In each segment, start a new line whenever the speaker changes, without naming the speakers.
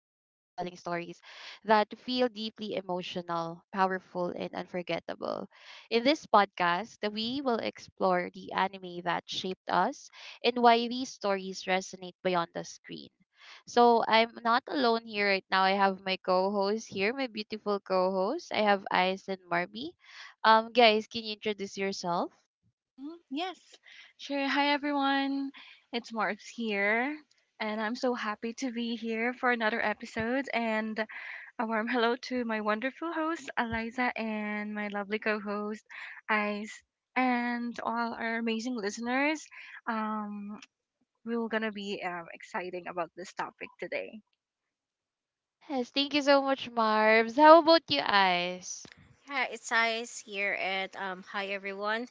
emotional, powerful, and unforgettable. In this podcast, we will explore the anime that shaped us and why these stories resonate beyond the screen. So I'm not alone here right now. I have my co-host here, my beautiful co-host. I have Ice and Marby. Guys, can you introduce yourself?
Mhm. Yes, sure. Hi, everyone. It's Mars here, and I'm so happy to be here for another episode. And a warm hello to my wonderful host, Eliza, and my lovely co host, Ice, and all our amazing listeners. Um, we're going to be exciting about this topic today.
Yes, thank you so much, Marbs. How about you, Ice?
Hi, it's Ice here, and hi everyone,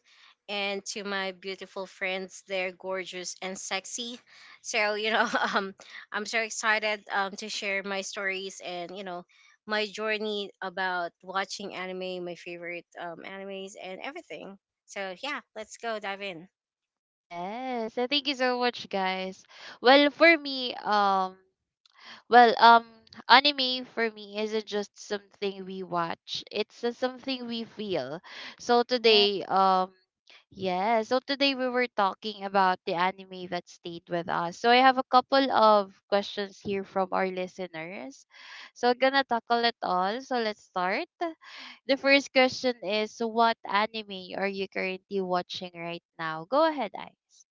and to my beautiful friends. They're gorgeous and sexy, so you know, um, I'm so excited to share my stories and my journey about watching anime, my favorite animes, and everything. So yeah, let's go dive in.
Yes, and thank you so much, guys. Well, for me, Well, um, anime for me isn't just something we watch. It's something we feel. So
Yeah.
today, um, yeah, so today we were talking about the anime that stayed with us. So I have a couple of questions here from our listeners. So I'm gonna tackle it all. So let's start. The first question is, what anime are you currently watching right now? Go ahead, Ice.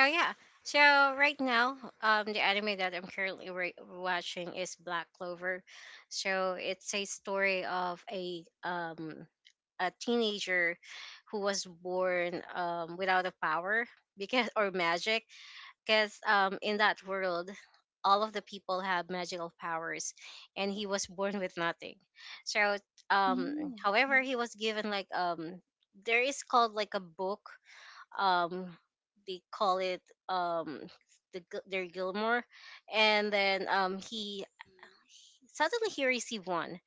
Oh yeah. So right now, the anime that I'm currently watching is Black Clover. So it's a story of a a teenager who was born without a power because or magic because in that world, all of the people have magical powers, and he was born with nothing, so um however,
Mm-hmm.
he was given like, there is called like a book, um they call it, um the their Gilmore, and then he
Mhm,
suddenly he received one,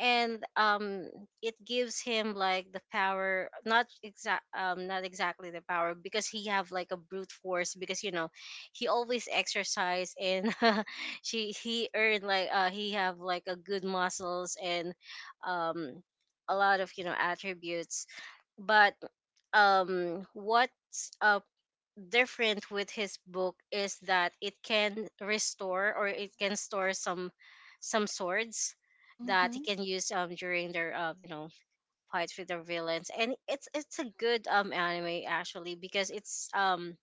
and it gives him like the power, not exact not exactly the power because he have like a brute force because you know, he always exercise, and she he earned like he have like a good muscles, and um a lot of you know attributes, but what's different with his book is that it can restore or it
mhm,
can store some swords that he
Mm-hmm.
can use during their you know fight with the villains. And it's a good anime actually, because it's,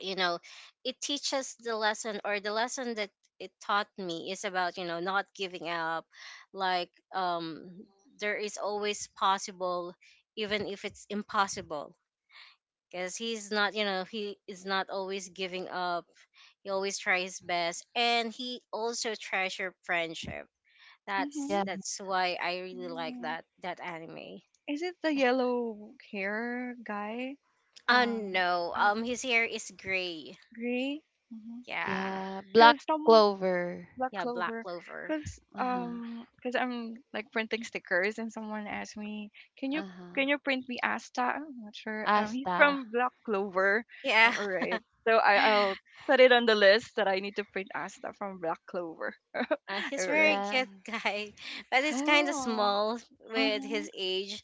you know, it teaches the lesson, or the lesson that it taught me is about you know not giving up, like there is always possible even if it's impossible, because he's not, you know, he is not always giving up. He always tries
mhm,
his
mhm.
best, and he also treasure friendship. that's
Yeah.
that's why I really like
Mm-hmm.
that anime.
Is it the yellow hair guy?
Oh
Uh,
no, his hair is gray.
Gray? Hmm.
Yeah.
Yeah, Black
Cause some
Clover.
Black
Yeah, Black
Clover,
Clover.
cause
Uh-huh.
cause I'm like printing stickers, and someone asked me, "Can you
Uh-huh.
can you print me Asta?" I'm not sure. He's
Asta.
from Black Clover.
Yeah.
All right, so I'll put it on the list that I need to print Asta from Black Clover.
He's
All
very
right.
Yeah.
cute guy, but he's kind of
Oh.
small with his
Mhm.
age.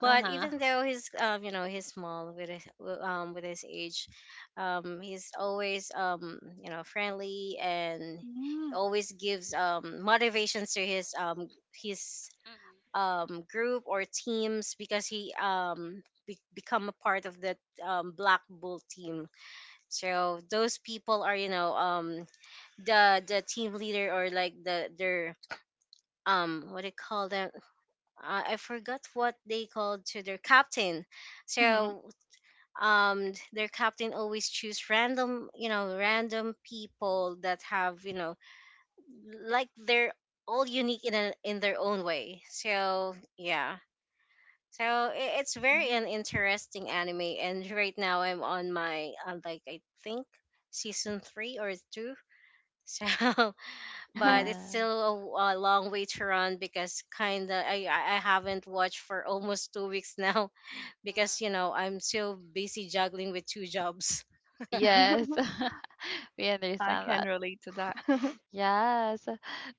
But
Uh-huh.
even though he's, you know, he's small with his, with his age, he's always, you know, friendly, and
Mhm.
always gives motivations to his his
Mhm.
group or teams, because he become a part of the Black Bull team. So those people are, you know, the team leader or like the their, what do you call them, I forgot what they called to their captain.
Mhm.
So their captain always choose random, you know, random people that have, you know, like they're
Mhm.
all unique in a, in their own way. So yeah, so it's very an interesting anime, and right now I'm on my like I think season three or two, so but it's
Yeah.
still a long way to run, because kind of I haven't watched for almost 2 weeks now because you
Mhm.
know I'm so busy juggling with two jobs.
Yes. We
I
understand
can
that.
relate to that.
Yes.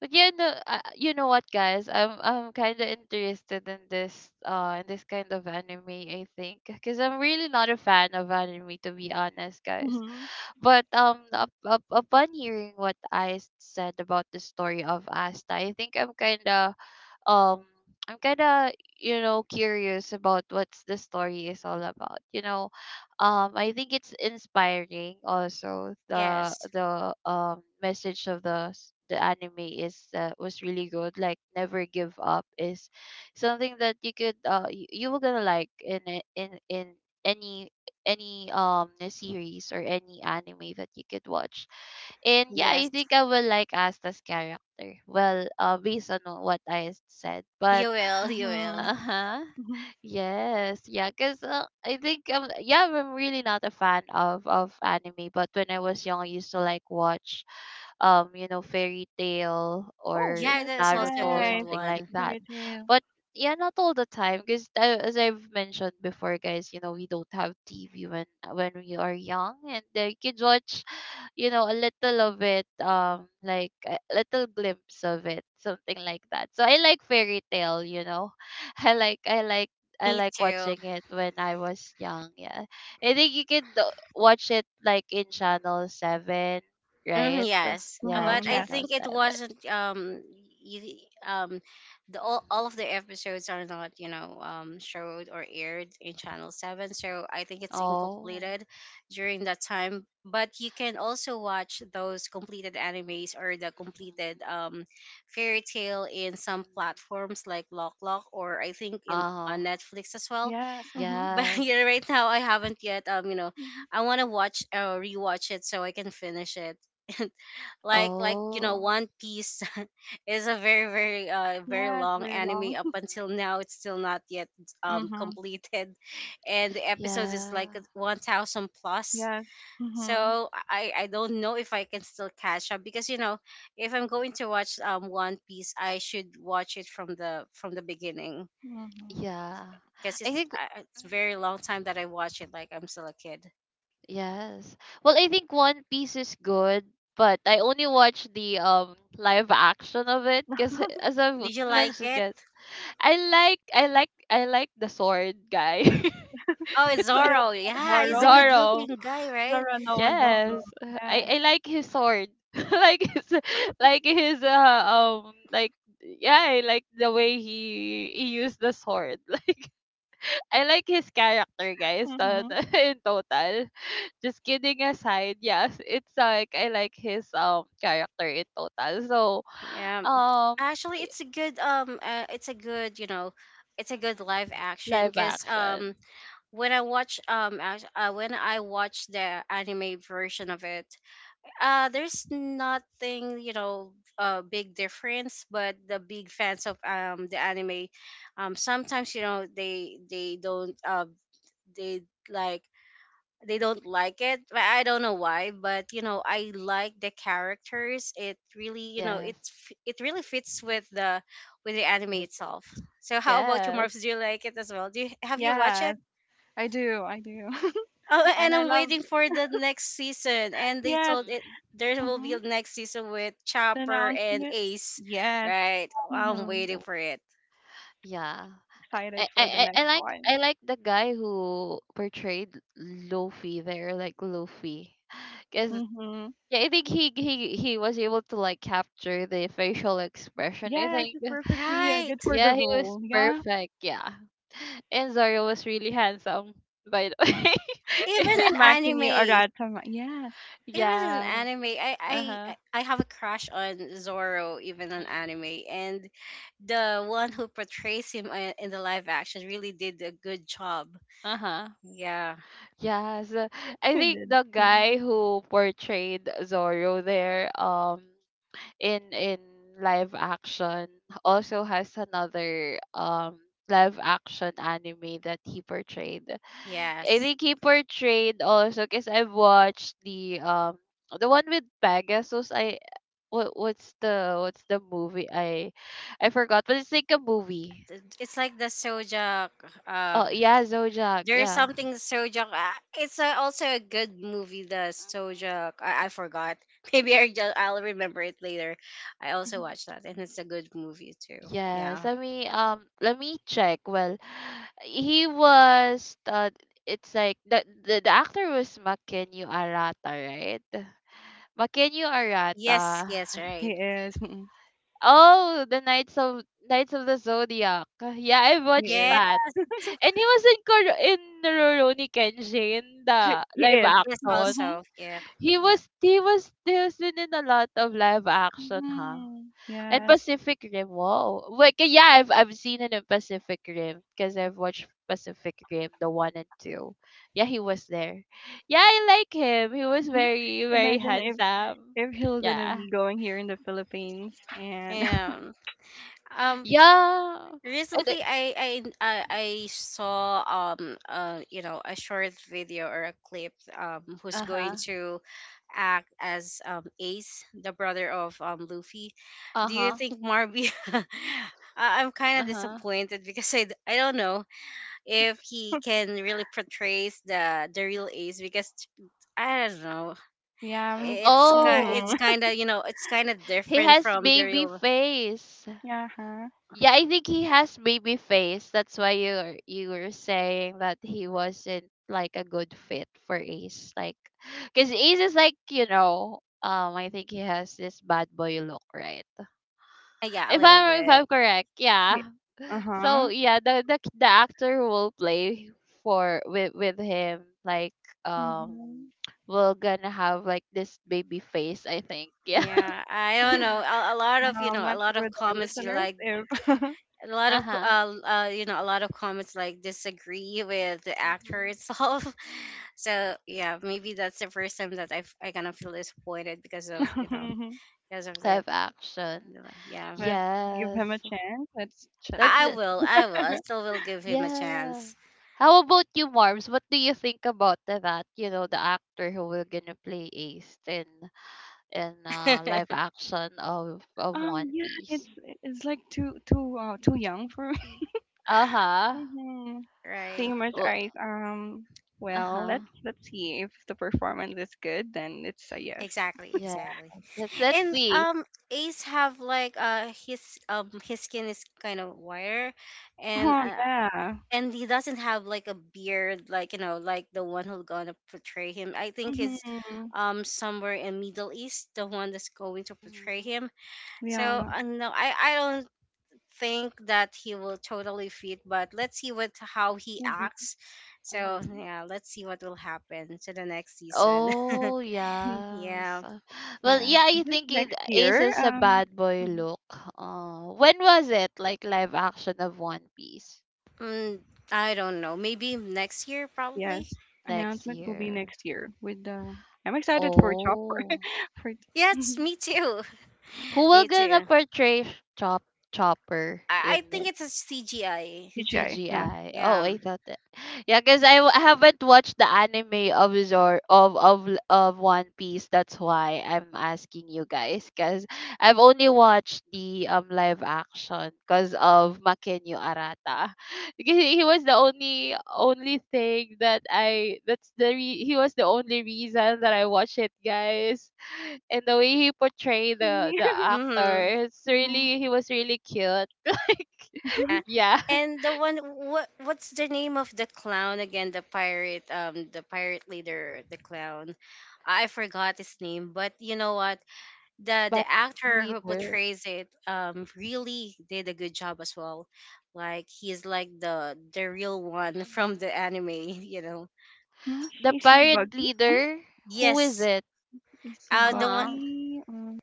But you know what, guys? I'm kind of interested in this kind of anime, I think, cuz I'm really not a fan of anime to be honest, guys.
Mhm.
But upon hearing what I said about the story of Asta, I think um I'm kind of curious about what's the story is all about. I think it's inspiring, also the
Yes,
message of the the anime is was really good, like never give up is something that you could you were gonna like in any series or any anime that you could watch. And yeah, I
yes,
think I will like Asta's character. Well, based on what I said, but
you will, you will.
Mhm.
uh-huh.
Mhm.
Yes. Yeah. Cause I think yeah, I'm really not a fan of anime, but when I was young, I used to like watch Fairy Tale
Oh,
or
Yeah,
that's
that's also a
Naruto,
good
nice.
something like
one.
that.
Fairy tale.
But yeah, not all the time because, as I've mentioned before, guys, we don't have TV when we are young, and you can watch, a little of it, like a little glimpse of it, something like that. So I like Fairy Tale. I like I like I
Me
like
too.
watching it when I was young. Yeah, I think you can watch it like in channel 7,
Mhm,
right?
yes.
Yeah,
But
Mhm,
I
yes.
channel
think it
7.
wasn't. You, um, the all of the
Mm-hmm.
episodes are not, you know, showed or aired in Channel Seven, so I think it's
Oh.
incompleted during that time. But you can also watch those completed animes or the
Mm-hmm.
completed fairy tale in some
Mm-hmm.
platforms like Lock Lock, or I think
Uh
in on
huh.
Netflix as well.
Yes, mhm.
But
Yes.
yeah, right now I haven't yet. You know,
Mhm.
I want to watch or rewatch it so I can finish it. Like you know,
Oh.
One Piece is a very
Yes,
long
very
anime.
long.
Up until
Hmm.
now, it's still not yet
Mhm.
completed, and the episode is
Yeah.
like 1000 plus.
Yes. Mhm.
So
Mm-hmm.
I don't know if I can still catch up, because you know, if I'm
Mm-hmm.
going to watch One Piece, I should watch it from the beginning,
Mhm.
Yeah.
because
I think.
it's very long
Mm-hmm.
time that I watch it, like I'm still a kid.
Yes. Well, I think One Piece is good, but I only watch the live action of it because, as I have
Did you like
mentioned,
it?
guys, I like the sword guy.
Oh, it's
It's like
Yeah,
Zoro. Yeah, he's a
Zorro.
good looking
Zoro.
guy, right?
Zorro. Zorro.
Yes,
Yes.
I like his sword. like his like his, yeah, I like the way he used the sword. Like, I like his character, guys,
Mhm.
in total. Just kidding aside, yes, it's like I like his character in total. So,
Yeah,
um,
actually,
y-
it's a good it's a good, you know, it's a good
mhm.
live action,
Live
because
action.
when I watch when I watch the anime version of it, there's nothing, you know, big difference. But the big fans of the anime, sometimes you know they don't they like they don't like it, but I don't know
Mhm.
why. But you know, I like the characters. It really, you know,
Yes.
it really fits with the anime
Uh,
itself. So how about you,
yes.
Morphs? Do you like it as well? Do you have you watched it?
Yes, I do. I do.
Oh,
And
and
I
I'm
love
waiting for the next season, and they
yes.
told
Hmm.
it there will be a
Mhm.
next season with
The
Chopper and
announcement.
Ace,
Yes.
right?
Yeah,
I'm
Mhm.
waiting for it.
yeah.
Excited for the next one.
I like the guy who portrayed Luffy there, like Luffy, because,
Mhm.
yeah, I think he was able to like capture the facial expression, I
Yes,
think.
it's perfectly
Right,
good for the
Yeah, he was
role. Yeah.
perfect. Yeah, and Zoro was really handsome, by the way.
even
It's
in
Makini
anime.
Aratama. Yes.
It was an
Yeah,
anime. I
uh
I
huh,
I I have a crush on Zoro, even on anime,
hmm,
and the one who portrays him in the live action really did a good job.
uh huh.
Yeah.
Yeah, so I
He
think
did.
the guy
Mhm.
who portrayed Zoro there, in live action, also has another live action anime that he portrayed. I
Yes.
think he portrayed also because I've watched the one with Pegasus. I what what's the What's the movie? I forgot, but it's like a movie.
It's like the Sojak. Um,
Oh yeah, Zodiac.
there's
Yeah.
something Sojak. It's also a good movie. The
Mhm.
Sojak. I forgot. Maybe I'll remember it later. I also
Mhm.
watched that, and it's a good movie too.
Yes.
Yeah.
Let me check. Well, he was it's like the actor was Makenyu Arata, right? Makenyu
Yes.
Arata.
Yes.
Yes, he
Right.
is. Mm-hmm.
Oh, the Knights of the Zodiac. Yeah, I
He
watched
is.
Yes.
that. And he was in Rurouni Kenshin,
She,
the
he
live
is.
Yes,
action.
Mhm.
also, yeah,
He
yeah,
was he was he has been in a lot of live action, huh?
Mhm.
And
Yes.
Pacific Rim. Wow, like yeah, I've seen him in Pacific Rim because I've watched Pacific Rim, the one and two. Yeah, he was there. Yeah, I like him. He was
Mhm.
very very
Imagine
handsome.
if he'll gonna
Yeah.
be going here in the Philippines and
yeah. Um,
Yeah. And
recently, I saw you know a short video or a clip who's going
uh-huh.
to act as Ace, the brother of Luffy. Do you
Uh-huh.
think, Marby? I'm kind of
Uh-huh.
disappointed because I don't know if he can really portray the real Ace, because I don't know,
yeah, me too.
it's
Mhm.
Oh,
kind of, you know, it's kind of
he
different
has
from the
baby
real.
face.
Yeah. Uh-huh.
Yeah, I think he has baby face. That's why you were saying that he wasn't like a good fit for Ace. Like, because Ace is like, I think he has this bad boy look, right?
Yeah, a
If
little
I'm if
bit.
I'm correct, yeah. So
Uh-huh.
yeah, the actor who will play for with him um.
Mhm.
Will gonna have like this baby face, I think.
Yeah, I don't know. A lot
No,
of, you
I'm
know, a
not
lot
sure
of
with our
comments, you
listeners
like,
if
a lot of co-
Uh-huh.
you know, a lot of comments like disagree with the actor
Mhm.
itself. So yeah, maybe that's the first time that I kind of feel disappointed because of, you
Mhm.
know, because of
Live
that.
action.
You know, yeah,
but give
Yes,
him a chance. Let's ch-
that's
I
let's
it.
see.
will, I will, I still will give him a
Yeah,
chance.
how about you, Marms? What do you think about the- that you know the actor who will gonna play Ace in live action of One
Yeah,
Piece?
it's like too too too young for
Uh-huh.
me.
Right.
Same as
Well,
ice. Well,
uh-huh.
let's see if the performance is good, then it's a yes.
Exactly,
Yeah,
exactly.
let's
And
see.
Ace have like his skin is kind of whiter, and
Oh
uh,
yeah.
and he doesn't have like a beard, like you know, like the one who's gonna portray him, I think he's
Mm-hmm.
somewhere in Middle East, the one that's going to portray
Mhm.
him. So
Yeah.
Mhm.
no, I don't think that he will totally fit, but let's see what how he
Mm-hmm.
acts. So
Mhm.
yeah, let's see what will happen to the next season.
Oh, yes.
Yeah.
Well,
Yeah.
yeah,
Is
I
it
think it
next
Ace
year?
is a bad boy
Mhm.
look. When was it? Like, live action of One Piece
Mm, I don't know, maybe next year
Yes.
probably.
next
Announcement will be
year.
next year with the. I'm excited for Chopper
Oh,
for
Yes, me too.
who will
Me
gonna
too.
portray Chop Chopper in
I think
it?
it's a CGI.
TJ. Yes.
CGI. Oh,
Yeah.
I thought that. Yeah, because I haven't watched the anime of Zor of L- of One Piece. That's why I'm asking you guys. Because I've only watched the live action because of Makenyo Arata. Because he was the only thing that I that's the re- he was the only reason that I watched it, guys. And the way he portrayed the
Really?
the
Mm-hmm.
actor, it's
Mhm.
really he was really cute. Like,
Mhm.
Yeah.
yeah.
And the one, what what's the name of the clown again? The pirate leader, the clown. I forgot his name, but you know what? The
Pirate
actor who
leader.
portrays it really did a good job as well. Like he's like the real one
Mhm.
from the anime, you know.
The
Is he
pirate
buggy? Mhm.
leader, who is
Yes.
it?
Is he
Uh, the one,
Uh-huh.
buggy?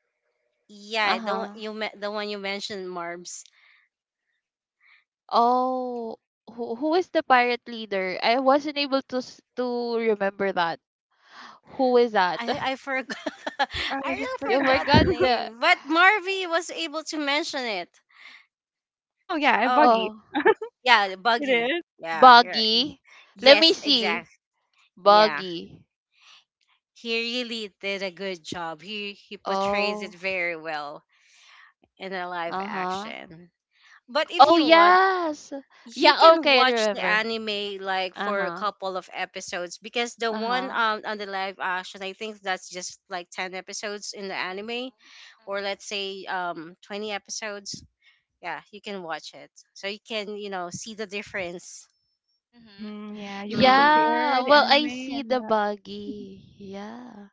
yeah,
Uh-huh.
the one you mentioned, Marbs.
Oh, who is the pirate leader? I wasn't able to remember that. Who is that?
I I forgot.
For- I
I
just
really
You
forgot
forgot
the
forgot.
the...
name, but Marvy was able to mention it.
Oh yeah, a
Oh,
buggy.
Oh,
yeah, the
It
buggy.
is.
Yeah, here.
Buggy. Let me
Yes,
see.
exactly. Yeah,
Buggy.
he really did a good job. He portrays it
Oh,
very well in a live
uh-huh.
action. But if
Oh,
you want,
yes.
you
Yeah,
can
okay, I
watch the
remember.
anime like for a
Uh-huh.
couple of episodes, because the one
Uh-huh.
on the live action, I think that's just like ten episodes in the
Mhm.
anime,
Mhm.
or let's say 20 episodes. Yeah, you can watch it, so you can, you know, see the difference.
Mhm.
Mhm, yeah, you can
Mm.
Yeah.
compare the
Well, I
anime
see
and
the
the
Buggy. Yeah.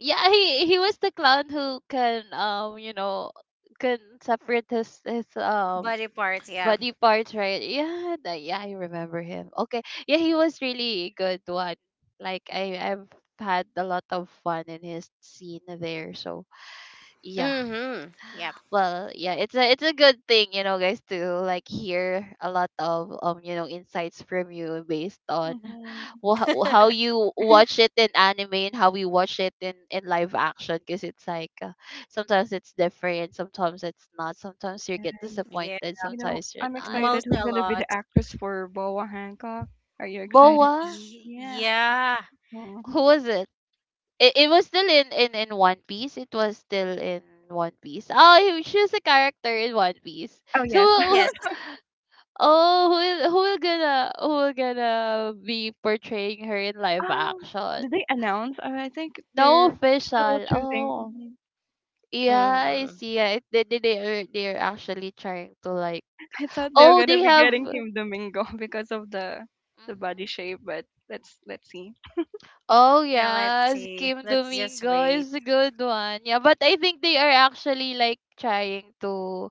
Yeah, he was the clown who can, can separate his
Body parts, yeah.
body parts, right? Yeah, yeah, I remember him. Okay. Yeah, he was really good one. Like, I've had a lot of fun in his scene there. So, yeah,
Mm-hmm. Yep.
well, yeah, it's a good thing, guys, to like hear a lot of insights from you based on
mhm.
how you watch it in anime and how we watch it in live action, because it's like, sometimes it's different, sometimes it's not, sometimes you get
Yeah.
disappointed,
You know,
sometimes you're
I'm
not.
excited
Mostly
who's
a
gonna be
lot.
the actress for Boa Hancock. Are you excited?
Boa,
Yes.
Yeah.
Hmm.
who was it? It was still in One Piece. It was still in One Piece. Oh, she was a character in One Piece.
Oh yes.
So,
Yes.
oh, who will gonna be portraying her in live
Um,
action?
did they announce? I think
No
they're still
official.
choosing.
Oh,
Mhm.
yeah, I
Mm-hmm.
see. Yeah, they are they're actually trying to like...
I thought they were
Oh, they
gonna be
have.
getting Kim Domingo because of the body
Mhm.
shape, but let's see.
Oh
Yeah, let's
yes,
see,
Kim
let's just
Domingo
wait.
is a good one. Yeah, but I think they are actually like trying to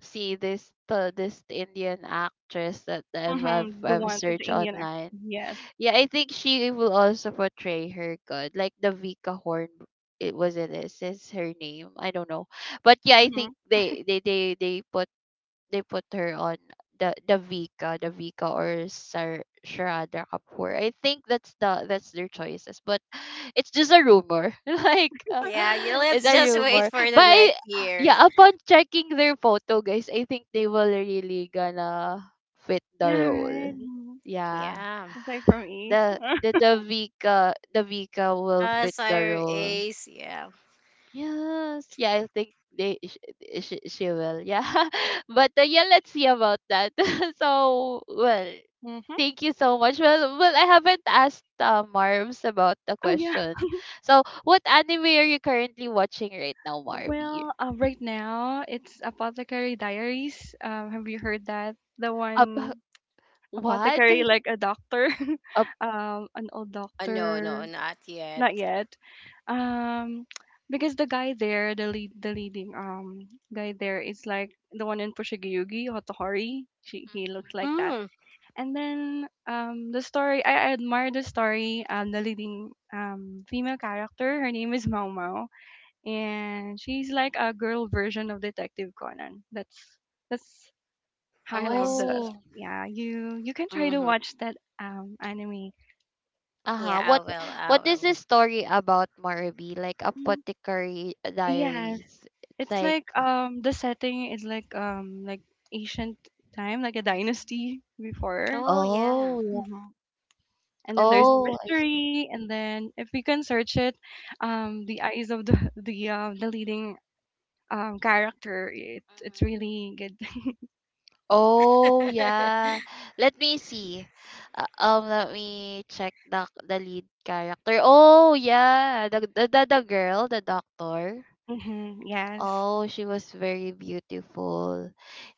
see this Indian actress that I've I've,
Mm-hmm. The
I've
one, the
searched
Indian actor.
online.
Yes.
Yeah, I think she will also portray her good, like the Vika Horn. It is her name. I don't know, but yeah, I think
Mm-hmm.
they put her on the Vika or Sar Sharada Kapoor. I think that's their choices, but it's just a rumor.
Yeah, yeah,
It's
let's
a
just wait
rumor,
for the
but
next year.
yeah, upon checking their photo, guys, I think they will really gonna fit the
Yeah,
role.
right. Mhm.
Yeah,
Yeah.
It's like from East.
the the Davika Davika will
Uh,
fit the
sire,
role.
Ace. Yeah.
Yes, yeah, I think they she will. Yeah, but yeah, let's see about that. So, well,
Mm-hmm.
thank you so much. Well, I haven't asked, Marms, about the
Oh yeah.
question. So, what anime are you currently watching right now, Marby?
Well, right now it's Apothecary Diaries. Have you heard that? The
Up,
one
what?
apothecary, like a doctor,
Up.
an old
Uh, no, no,
doctor.
not yet.
Not yet. Um, because the guy there, the lead, the leading guy there is like the one in Pushigayugi, Hotohori. She he looks like
Mhm.
that.
Mm.
And then the story, I admire the story. The leading female character, her name is Mau Mau and she's like a girl version of Detective Conan. That's
Oh, I
how I love
see.
the
Oh.
yeah. You can
Mm-hmm.
try to watch that anime.
Yeah, I
Uh-huh.
will, I
What
will.
is the story about, Marby? Like,
Mm,
Apothecary
yes,
Diaries. It's
it's
like,
like the setting is like ancient time, like a
hmm
dynasty before.
Oh yeah.
oh yeah.
Hmm. And then there's
Oh, I see.
mystery, and then if we can search it,
Mhm,
the eyes of the the leading character. It, it's
mhm.
really good.
Oh yeah. Let me see. Let me check the lead character. Oh yeah. The girl, the doctor.
Hmm. Yes.
Oh, she was very beautiful.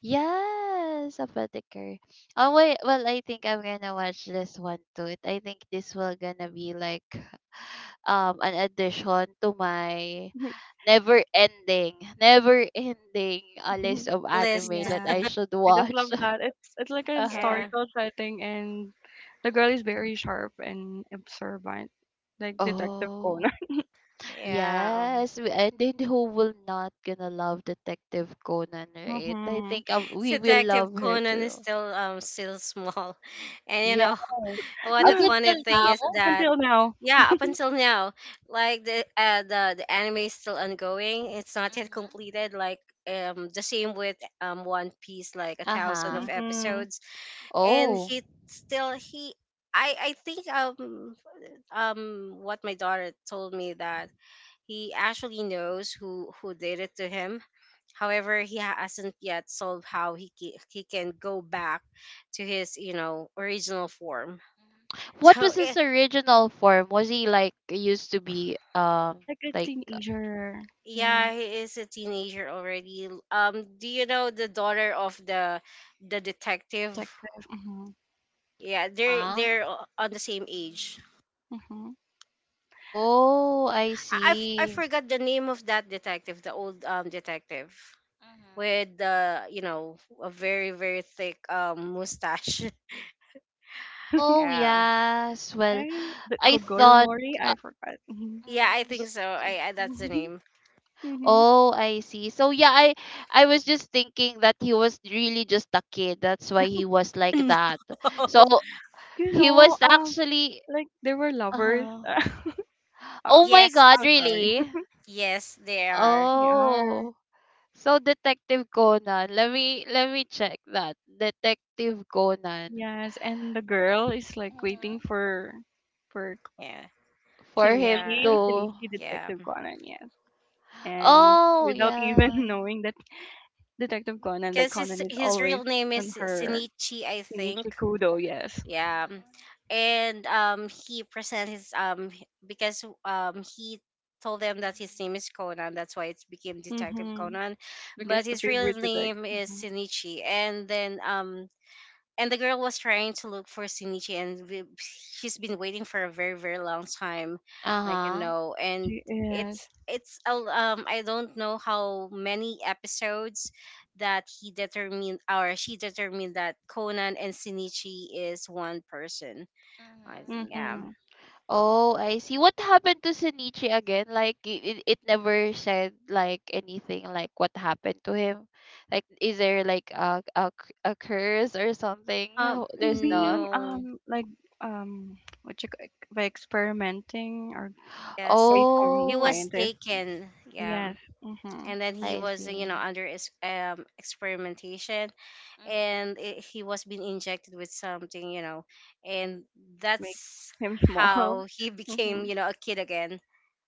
Yes, a Apothecary. Oh wait, well, I think I'm gonna watch this one too. I think this will gonna be like an addition to my never ending, never ending a list of anime
List.
that I
Yeah,
should
I just
watch.
love that. It's like an
Uh-huh.
Yeah.
historical setting, and the girl is
Mhm.
very sharp and observant, like Detective Conan.
Oh.
Yeah. Um,
Yes, and then who will not gonna love Detective Conan, right? I
Hmm.
think we will
Detective
love her
Conan is
too.
still still small. And you
Yes.
know, what
Up
the
Yeah,
funny
until
thing
now?
is
up
that,
until now.
yeah, up until now, like the anime is still ongoing. It's not yet
Mm-hmm.
completed. Like the same with One Piece, like a thousand of
Uh-huh.
Hmm.
episodes. And
Oh.
he still he I think um what my daughter told me that he actually knows who did it to him. However, he hasn't yet solved how he can go back to his, you know, original form.
Mhm. What
So
was
eh,
his original form? Was he like used to be
Like a
like
teenager. Yeah,
yeah, he is a teenager already. Do you know the daughter of the detective?
detective. Hmm.
Yeah, they're
huh?
on the same age.
Hmm.
Oh, I
I
see.
forgot the name of that detective, the old detective
Mm-hmm.
with the a very very thick mustache.
Oh,
Yeah,
yes. Well,
I, the
I thought
Kogoromori,
uh,
I forgot. Hmm.
yeah, I
Mm-hmm.
think so. I that's the name.
Hmm.
Oh, I see. So yeah, I was just thinking that he was really just a kid. That's why he was like
No.
that. So
You
he
know,
was actually
like they were lovers.
uh-huh.
Oh,
Oh my
Yes,
God,
I'm sorry.
really?
yes, they are.
They are.
Oh. So Detective Conan. Let me check that. Detective Conan.
Yes, and the girl is like waiting
Hmm.
for
Yeah,
For him
yeah,
Shinichi,
to
Shinichi
yeah.
Detective Conan, yes. And
oh,
without even
yeah.
knowing that Detective Conan, like
Because
Conan
his
is
his
always
real name is
on her
Sinichi, I think.
Shinichi Kudo, yes.
Yeah. And he presents his because he told them that his name is Conan, that's why it became Detective
Mm-hmm.
Conan. But
Because the
his real
favorite
name
detective.
is
Mhm.
Shinichi. And then and the girl was trying to look for Shinichi, and he's been waiting for a very, very long time, like,
Uh-huh.
and
She
it's
is.
it's I don't know how many episodes that he determined or she determined that Conan and Shinichi is one person. I think
Mhm.
yeah.
Mm-hmm.
Oh, I see. What happened to Senichi again? Like it, it never said like anything like what happened to him. Like is there like a curse or something? No,
He's
there's none.
being
No.
like um what you ca- by experimenting or
Yes,
by some
he
Oh,
was
scientist.
taken, yeah,
Yes. Mm-hmm.
and then he
I
was
see.
under experimentation,
Hmm.
and he was being injected with something, and
It makes
that's
him small.
how he became
Mm-hmm.
a kid again.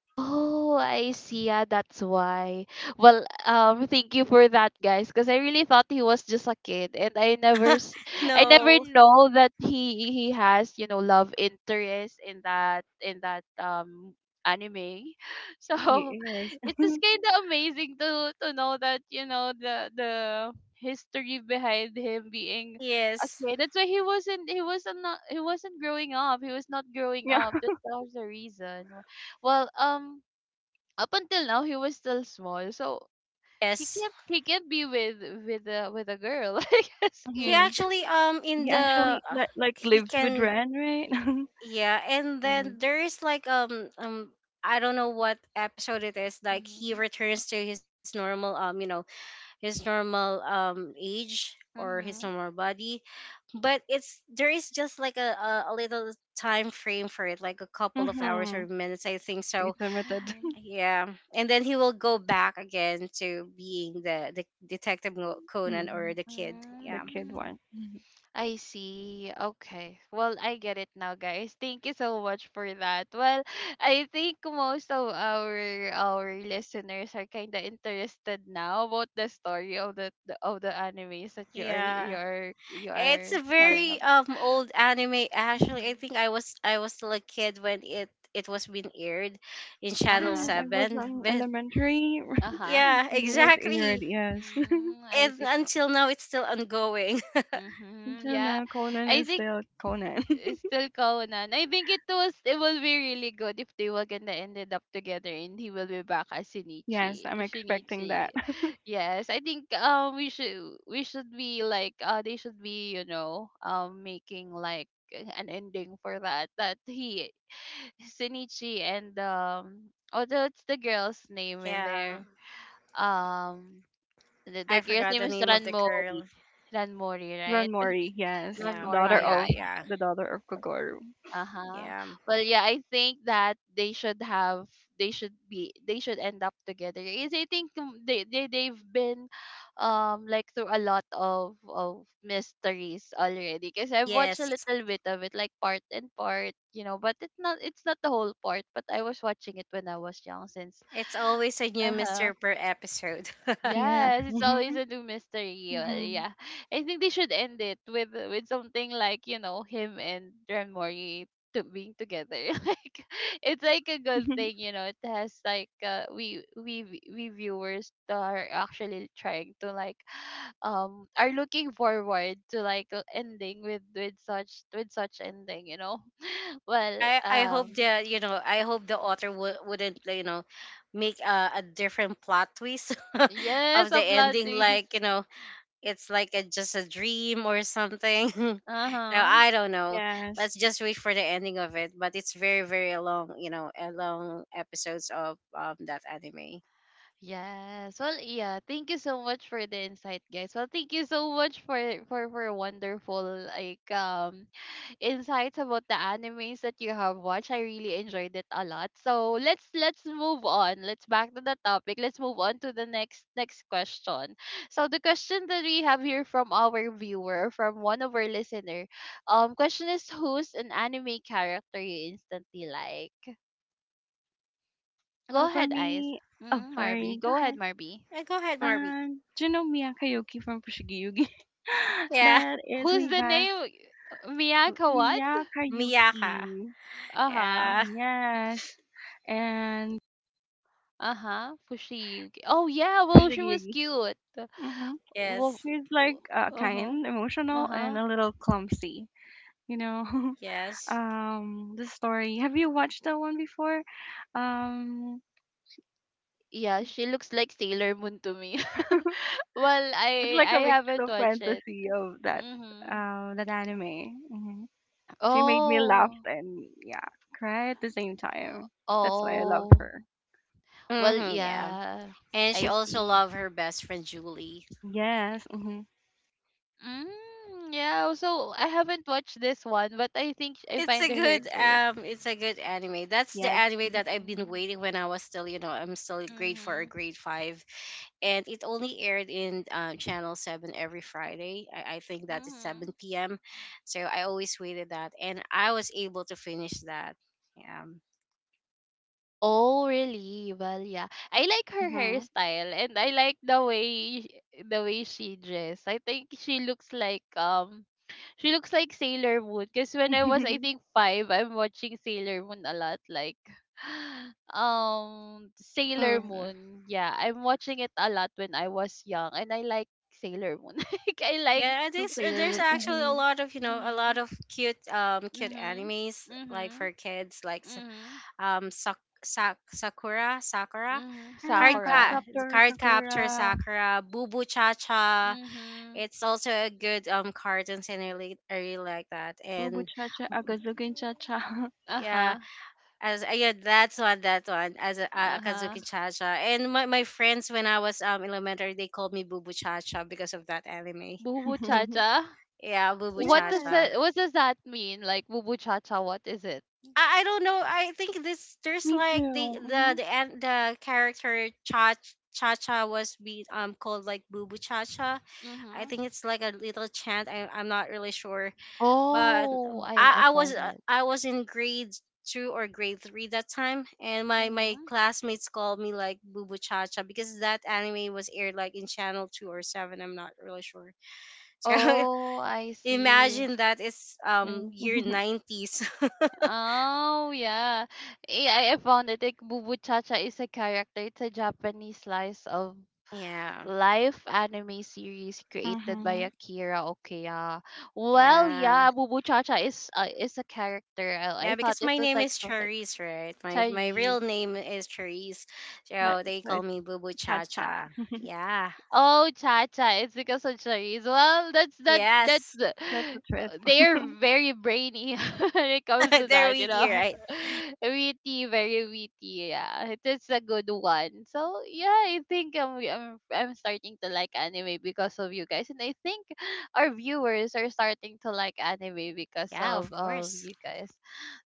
Oh, I see. Yeah, that's why. Well, thank you for that, guys, because I really thought he was just a kid, and I never
No.
know that he has love interest in that anime.
He
So
is.
it is kind of amazing to know that the history behind him being a
Yes,
kid. That's why he wasn't growing up. He was not growing up.
Yeah.
That was the reason. Well, up until now he was still small, so he
yes,
can't he can't be with a girl. I guess.
he
It,
Mhm.
actually in
He
the
actually like
he
lives with
can,
Ren, right?
yeah, and
Yeah.
then there is, like, I don't know what episode it is. Like, he
mhm,
returns to his normal age or his
mhm,
normal body, but it's there is just like a little time frame for it, like a couple of hours
Mhm.
or minutes, I think so.
It's limited.
mhm.
Yeah, and then he will go back again to being the detective Conan, or
Mhm.
the kid,
The
yeah.
kid
Mm.
one. Mhm.
I see. Okay. Well, I get it now, guys. Thank you so much for that. Well, I think most of our listeners are kind of interested now about the story of the animes that you are you
Yeah,
are you
it's
are
a
telling
very
about.
old anime actually, I
Mm-hmm.
think I was still a kid when it was being aired in
Uh
channel
Yes,
huh.
I was
7.
on
But
elementary
Uh huh.
yeah,
when it was aired.
exactly,
Yes.
Mm, I
and
see.
until now it's still ongoing.
Mm-hmm.
Until
Yeah.
now, Conan
I
is
think
still Conan.
it's still Kawanan. I think it will be really good if they were gonna ended up together and he will be back as
Yes,
Shinichi.
I'm expecting
Shinichi.
that.
Yes. I think we should be like they should be, making like an ending for that. That he Shinichi and oh that's the girl's name in
Yeah.
there. Um the
I
girl's
forgot
name
the
is
name of the
Ranmori.
girl.
Ranmori,
Ron
right?
Mori. Yes,
Yeah. Oh,
daughter
Ranmori. Oh,
yeah,
of
yeah.
yeah.
the daughter of Kogoro.
Uh-huh.
Yeah.
Well, yeah, I think that they should have they should be they should end up together. Is I think they've been like through a lot of mysteries already because I've watched a
Yes.
little bit of it like part and part, but it's not the whole part, but I was watching it when I was young since
It's always a new
uh-huh.
mystery per episode.
Yes.
Yes, it's
Mm.
always
Mhm.
a new mystery. Well,
Mm.
yeah, I think they should end it with something like him and Ren Mori to being together. Like it's like a good
Mhm.
thing, you know. It has like we viewers that are actually trying to like are looking forward to like a ending with such ending. Well,
I hope that, I hope the author wouldn't, make a different plot twist
yes,
of the
a plot
ending,
twist.
like, it's like just a dream or something.
Uh
Now
huh.
I don't know.
Yes.
Let's just wait for the ending of it. But it's very very long, a long episodes of that anime.
Yes. Well, yeah. Thank you so much for the insight, guys. Well, thank you so much for wonderful like insights about the animes that you have watched. I really enjoyed it a lot. So let's move on. Let's back to the topic. Let's move on to the next question. So the question that we have here from our viewer, from one of our listener, question is who's an anime character you instantly like? Go
Well, for
ahead, Ice.
me. Oh,
Mm, Marby.
sorry. Go
Go ahead,
ahead.
Marby.
Go ahead, Marby.
And do you know Mia Kayuki from Fushigi Yugi?
Yeah,
That is
Who's
way
the
back.
name?
M-
Miyaka what?
Mia Kayuki.
Miyaka.
Uh-huh.
Yeah.
Yes. And
Uh-huh. Fushigi. Oh yeah, well she
Fushigi
was
Yugi.
cute.
Hmm.
Well.
Yes.
She's like
Uh-huh.
kind, emotional, and
Uh-huh.
a little clumsy. You know,
Yes.
the story. Have you watched that one before? Um,
Yeah, she looks like Sailor Moon to me. Well,
it's
I
like
I
a mix
haven't
of
watched it.
fantasy of that,
Mhm.
that anime. Mm-hmm. She made me laugh
Oh.
and yeah, cry at the same time. That's why I loved
Oh.
her.
Well,
Mm-hmm, yeah.
yeah.
And she
I
also
see.
loved her best friend Julie.
Yes. Hmm.
Mm, yeah, so I haven't watched this one, but I think I
It's
find
a
her
good
cute.
um it's a good anime. That's the
Yes.
anime that I've been
Mm-hmm.
waiting when I was still, you know, I'm still grade 4 or
Mm-hmm.
grade 5, and it only aired in channel 7 every Friday. I think that is
Mm-hmm.
7 p.m. So I always waited that and I was able to finish that. Yeah.
Oh, really? Well, yeah. I like her
Mm-hmm.
hairstyle and I like the way the way she dressed. I think she looks like Sailor Moon because when I was I think 5, I'm watching Sailor Moon a lot like Sailor
Hmm.
Moon. Yeah, I'm watching it a lot when I was young and I like Sailor Moon. Like I like
Yeah,
So
there's uh,
Sailor
there's
Moon.
actually a
Mm-hmm.
lot of you know a lot
mhm.
of cute cute
Mhm.
animes, like,
Mhm.
for kids, like,
Mhm.
Sakura,
Mhm.
card
Yeah,
ca-
Sakura.
Cardcaptor,
card capture
Sakura,
sakura, Boo Boo Cha Cha.
Mhm.
It's also a good cartoons, and I really like that, and
Cha
m-
Agazukin Cha-Cha.
yeah,
Uh-huh.
as yeah, that one, as a
Uh-huh.
akazuki cha cha. And my friends when I was elementary, they called me Boo Boo Cha Cha because of that anime.
Boo boo cha cha.
Yeah, Boo Boo
What
Cha
does
Yes,
Cha.
it? What does that mean? Like boo boo cha cha, what is it?
I don't know. I think this there's,
me
like,
too.
the the
Mm-hmm.
the an- the character Cha Cha Cha was be called like Boo Boo Cha Cha. I
Mm-hmm.
think it's like a little chant. I'm not really sure, but
Oh, I
I I was
found
uh,
it.
I was in grade 2 or grade 3 that time, and my
Mm-hmm.
classmates called me like Boo Boo Cha Cha because that anime was aired like in channel 2 or 7. I'm not really sure. So
Oh, I see.
imagine that it's
Okay.
year nineties.
Oh, yeah. I found it. Like, Bubu Chacha is a character. It's a Japanese slice of
Yeah.
life anime series created by
Mm-hmm.
Akira Okiya. Well,
Yeah.
yeah, Bubu Chacha is a character. I
Yeah,
thought
because
it
my
was
name
like
is
something.
Charisse, right? My
Charisse.
real name is Charisse.
Like,
So they
so
call
it's
me Boo Boo Cha
Cha-Cha.
Cha. Yeah.
Oh, Cha Cha. It's because of Charisse. Well, that's that's that's
Yes.
the-
That's the
uh,
twist.
they're very brainy when it comes to
They're
that, you
with you,
know.
right?
Witty, very witty. Yeah, it is a good one. So yeah, I think I'm starting to like anime because of you guys, and I think our viewers are starting to like anime because
Yeah, of
of
course.
you guys.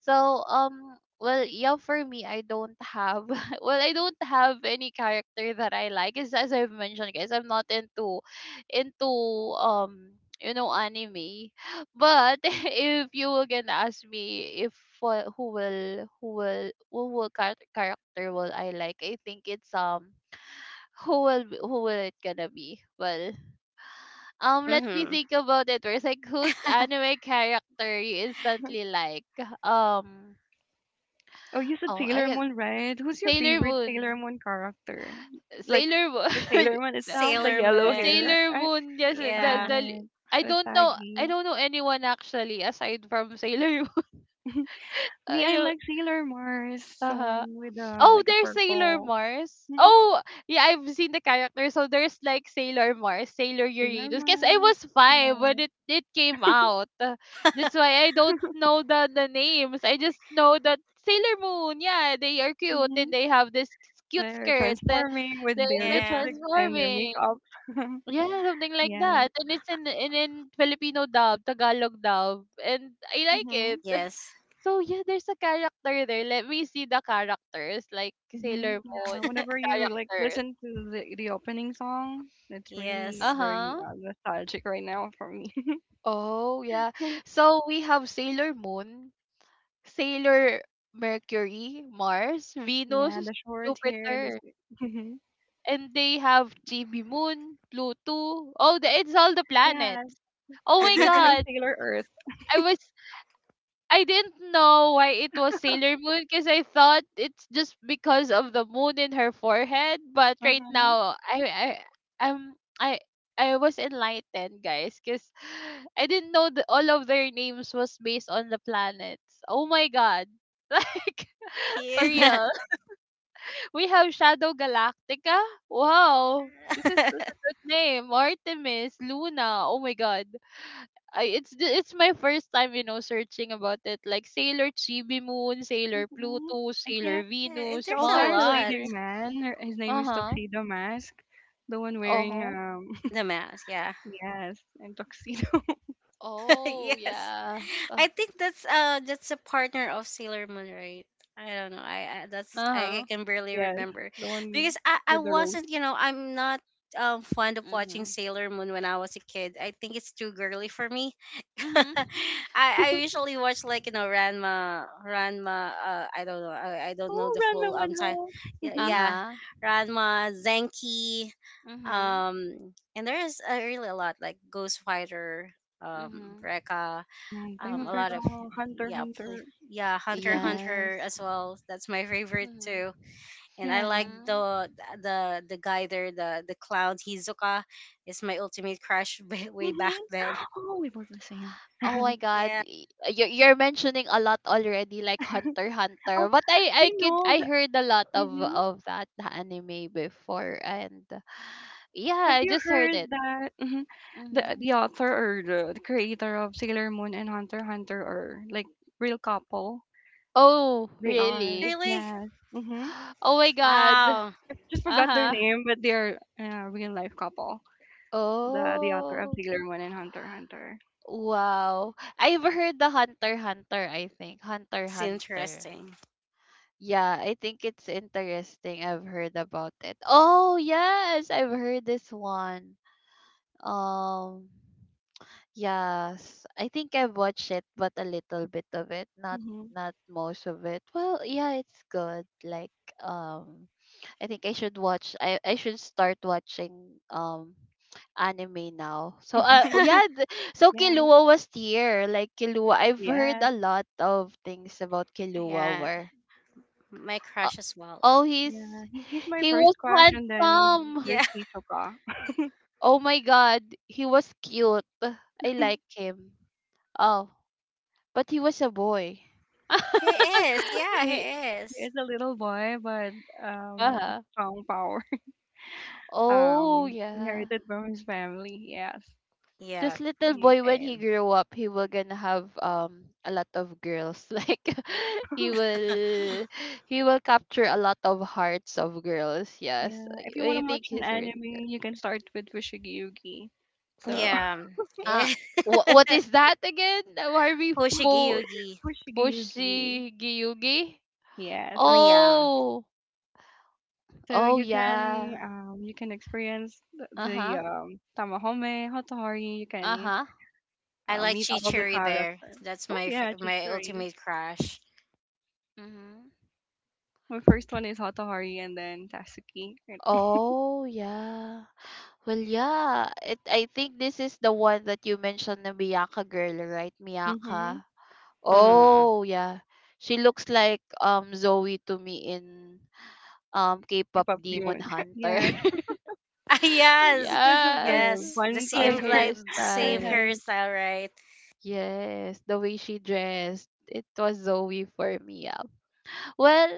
So well, yeah, for me, I don't have. Well, I don't have any character that I like. Is as I've mentioned, guys, I'm not into um anime. But if you were gonna ask me if character will I like, I think it's who will it gonna be? Well, let me
Mm-hmm.
think about it. Where's like whose anime character you instantly like? Um,
Oh, you said
oh, I
Sailor
get
Moon, right? Who's your
Sailor
favorite Sailor
Moon.
Moon character? Like s-
Sailor
the
Moon.
Sailor Moon itself, the
Sailor
yellow hair.
Moon.
Sailor
I,
Moon, yes,
Yeah.
alright,
I don't know
Usagi.
I don't know anyone actually aside from Sailor Moon.
Me,
I
I
do
like Sailor Mars, the
uh-huh.
one with the
Oh,
like a
there's Sailor
purple.
Mars.
Mm-hmm.
Oh, yeah, I've seen the character. So there's like Sailor Mars, Sailor
Sailor
Uranus. Because I
Mars.
was 5 when
Yeah.
it came out. That's why I don't know the names. I just know that Sailor Moon, yeah, they are cute and
Mm-hmm.
they have this cute
They're
skirt.
transforming with
They
their
were
Yeah.
lipsticks and their
transforming.
makeup.
Yeah, something like
Yes.
that, and it's in Filipino dub, Tagalog dub, and I like
Mm-hmm.
it.
Yes.
So yeah, there's a character there. Let me see the characters, like
Mm-hmm.
Sailor Moon
Yeah. Whenever you like
characters.
listen to the opening song, it's really
Uh
Yes.
very
huh.
nostalgic right now for me.
Oh yeah. So we have Sailor Moon, Sailor Mercury, Mars,
Yeah,
Venus,
the short hair. The...
Jupiter, and they have GB Moon, Pluto. Oh, it's all the
Yes,
planets. Oh
but
my
there's no
God,
Sailor Earth.
I was I didn't know why it was Sailor Moon because I thought it's just because of the moon in her forehead. But right
Uh-huh.
now, I um I I was enlightened, guys, because I didn't know that all of their names was based on the planets. Oh my god! Like for
Yeah.
real. We have Shadow Galactica. Wow. This is such a good name. Artemis, Luna. Oh my god. It's my first time, searching about it. Like Sailor Chibi Moon, Sailor
Hmm.
Pluto,
And she ha-
Sailor
Yeah,
she
Venus,
there's
also
a
has a
Mars,
lot.
leading
Mercury.
man. Her- His name is
Uh-huh.
Tuxedo Mask, the one wearing
Uh-huh.
The mask, yeah.
yes, and tuxedo.
Oh,
Yes.
yes.
I think that's a partner of Sailor Moon, right? I don't know. I
Uh-huh.
can barely
Yes,
remember
the one
because I
with the rose.
wasn't, I'm not fond of watching
Mhm.
Sailor Moon when I was a kid. I think it's too girly for me. I
Mhm.
I usually watch, like, Ranma. I don't know. I don't know
Oh,
the
Ranma
full
one
time.
half.
Yeah,
Hmm.
yeah,
Uh-huh.
Ranma Zenki.
Mhm.
And there is really a lot, like Ghost Fighter.
Mhm.
Rekka,
Mm-hmm. Flame of
a
Mhm.
lot
Virgo,
of,
Hunter,
yeah,
Hunter.
yeah, Hunter x Hunter
Yes.
as well. That's my favorite too.
Mhm.
And I
Yeah.
like
Mm.
the guy there, the clown Hizuka is my ultimate crush, way way back
Hmm.
then.
Oh, we both the same.
Oh
Oh,
my god,
Yeah,
you're mentioning a lot already, like Hunter x Hunter. But I I
you
could
know
I
the.
heard a lot of
Mm-hmm.
of that anime before, and
Have
yeah, I
you
just heard
heard
it.
that mhm,
Hmm.
the author or the creator of Sailor Moon and Hunter x Hunter are like real couple?
Oh
They are.
really?
really,
Yes. Mm-hmm.
Oh my god.
wow,
I just
Uh
forgot their
huh.
name, but they are real life couple. The author of
Oh
Sailor Moon and Hunter x Hunter.
wow. I've heard the Hunter x Hunter. I think Hunter x
it's
Hunter.
interesting.
Yeah, I think it's interesting. I've heard about it. Oh yes, I've heard this one. Um, yes, I think I've watched it, but a little bit of it, not
Mm-hmm.
not most of it. Well, yeah, it's good. Like, um, I think I should watch. I should start watching anime now. So, oh, yeah. So
Yeah.
Killua was here. Like Killua, I've heard
Yes.
a lot of things about Killua.
Yeah,
Where,
my
uh,
crush as well.
oh, he's
Yeah. He, he's my
he
first
was
crush, and then
handsome.
there's
Yeah.
Hisoka.
Oh my God, he was cute. I like him. Oh, but he was a boy.
He is. Yeah,
He,
he is.
It's a little boy, but a
uh-huh.
strong power.
Oh, yeah.
Inherited from his family. Yes.
Yeah,
This little
You.
boy, when he
and
grew up, he will gonna have a lot of girls. Like he will, he will capture a lot of hearts of girls. Yes,
Yeah, if you
I
wanna
I think
watch an
he's really.
anime, you can start with Fushigi Yugi. So
yeah,
Uh, what is that again? The Barbie po
Hoshigyugi.
Fushigi Yugi,
Pushigiyugi?
yes.
Yeah.
Oh,
So
oh yeah.
you can experience
Uh
the
huh.
Tamahome, Hotohori. You
Uh
can
huh.
I like
meet all the
Chichiri there.
characters.
That's
Oh
my
yeah,
my
Chidori.
ultimate crush.
Mm-hmm.
My first one is Hotohori, and then Tatsuki.
Oh, yeah. Well, yeah. I think this is the one that you mentioned, the Miyaka girl, right?
Mm-hmm.
Miyaka.
Hmm.
Oh, yeah. She looks like Zoe to me in K-pop
K-pop
Demon
beyond.
Hunter.
Yes,
Ah, yes,
because of
Yes.
the
yes, the
buns
Her
same
on her
like the
her
same
hairstyle.
head.
hairstyle, right?
Yes, the way she dressed. It was Zoe for me. Yeah. Well,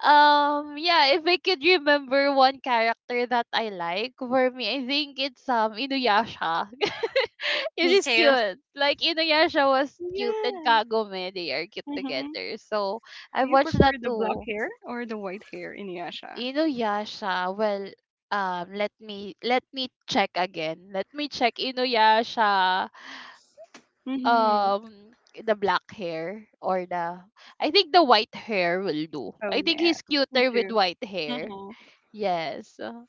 yeah, if I could remember one character that I like, for me, I think it's Inuyasha. It
Me
is
too.
cute. Like Inuyasha was cute and
Yeah.
Kagome, they are cute
Mm-hmm.
together. So I
Do you
watched
prefer
that
the black
too.
hair or the white hair in Yasha?
Inuyasha. Let me check again. Let me check Inuyasha.
Mm-hmm.
Um, the black hair or the I think the white hair will do.
Oh
I think
yeah,
he's
me
cuter with
too.
white hair.
Mm-hmm.
Yes.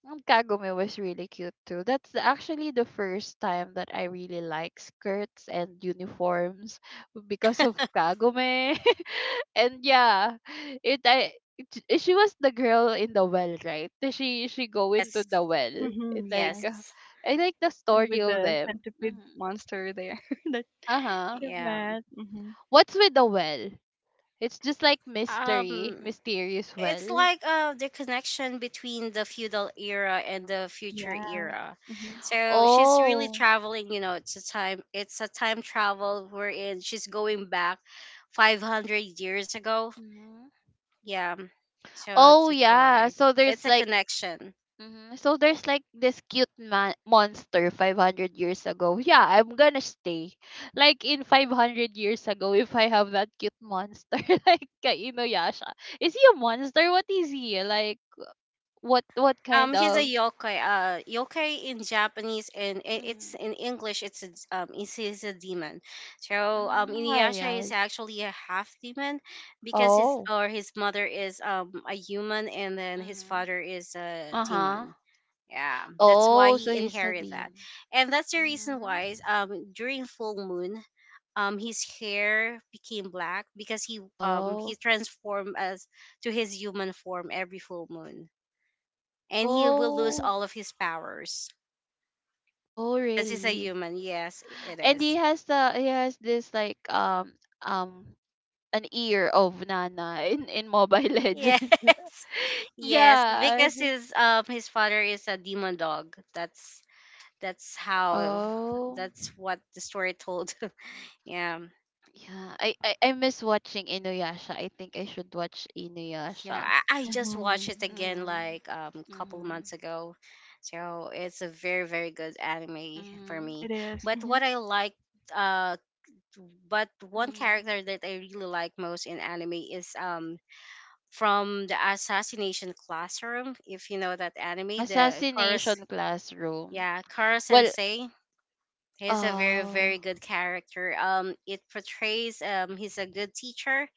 And Kagome was really cute too. That's actually the first time that I really like skirts and uniforms because of Kagome. And yeah, it I it- eh, she was the girl in the well, right? She go into
Yes,
the well. It
Mm-hmm.
like
Yes,
yes,
I like the
and
story
with
of
the
them.
centipede monster there that
Uh huh.
you've
yeah.
met. Mm-hmm.
What's with the well? It's just like mystery,
Um,
mysterious
it's
well.
like the connection between the feudal era and the future
Yes.
era.
Mm-hmm.
So she's really
Oh.
traveling. It's a time. It's a time travel wherein she's going back 500 years ago.
Mm-hmm.
Yeah. So it's
Oh
that's
yeah,
why.
so
It's
there's
a
like
connection.
mhm, so there's like this cute monster 500 years ago. Yeah, I'm gonna stay. Like in 500 years ago if I have that cute monster like kay Inuyasha. Is he a monster? What is he? Like what kind
He's a
of
yokai. Yokai in Japanese, and it's
mm,
in English. He's a demon. So
ah,
Inuyasha is
yes.
actually a half demon because his
Oh.
or his mother is a human, and then his
hmm
father is a
Uh-huh.
demon. Yeah, that's why
Oh, so
he
he's a
inherited that,
demon.
and that's the reason
Mm-hmm.
why during full moon, his hair became black because he
Oh.
transformed as to his human form every full moon, and he will lose
Oh.
all of his powers
Oh,
because he's a
really?
human. Yes, it
And he
is.
has the he has this um an ear of Nana in Mobile
Yes,
Legend.
yes,
Yeah.
because his father is a demon dog. That's how
Oh.
that's what the story told. Yeah.
Yeah. I miss watching Inuyasha. I think I should watch
Yeah,
Inuyasha.
I just watched
Mm-hmm.
it again,
Mhm.
like, couple
Mhm.
months ago. So it's a very, very good anime for
Mhm.
me.
It is.
But
Mm-hmm.
what I like uh but one
Mhm.
character that I really like most in anime is from the Assassination Classroom, if you know that anime, the chorus,
Assassination Classroom.
yeah, Kara
Well,
Sensei. He's a very,
oh.
very good character. It portrays, he's a good teacher.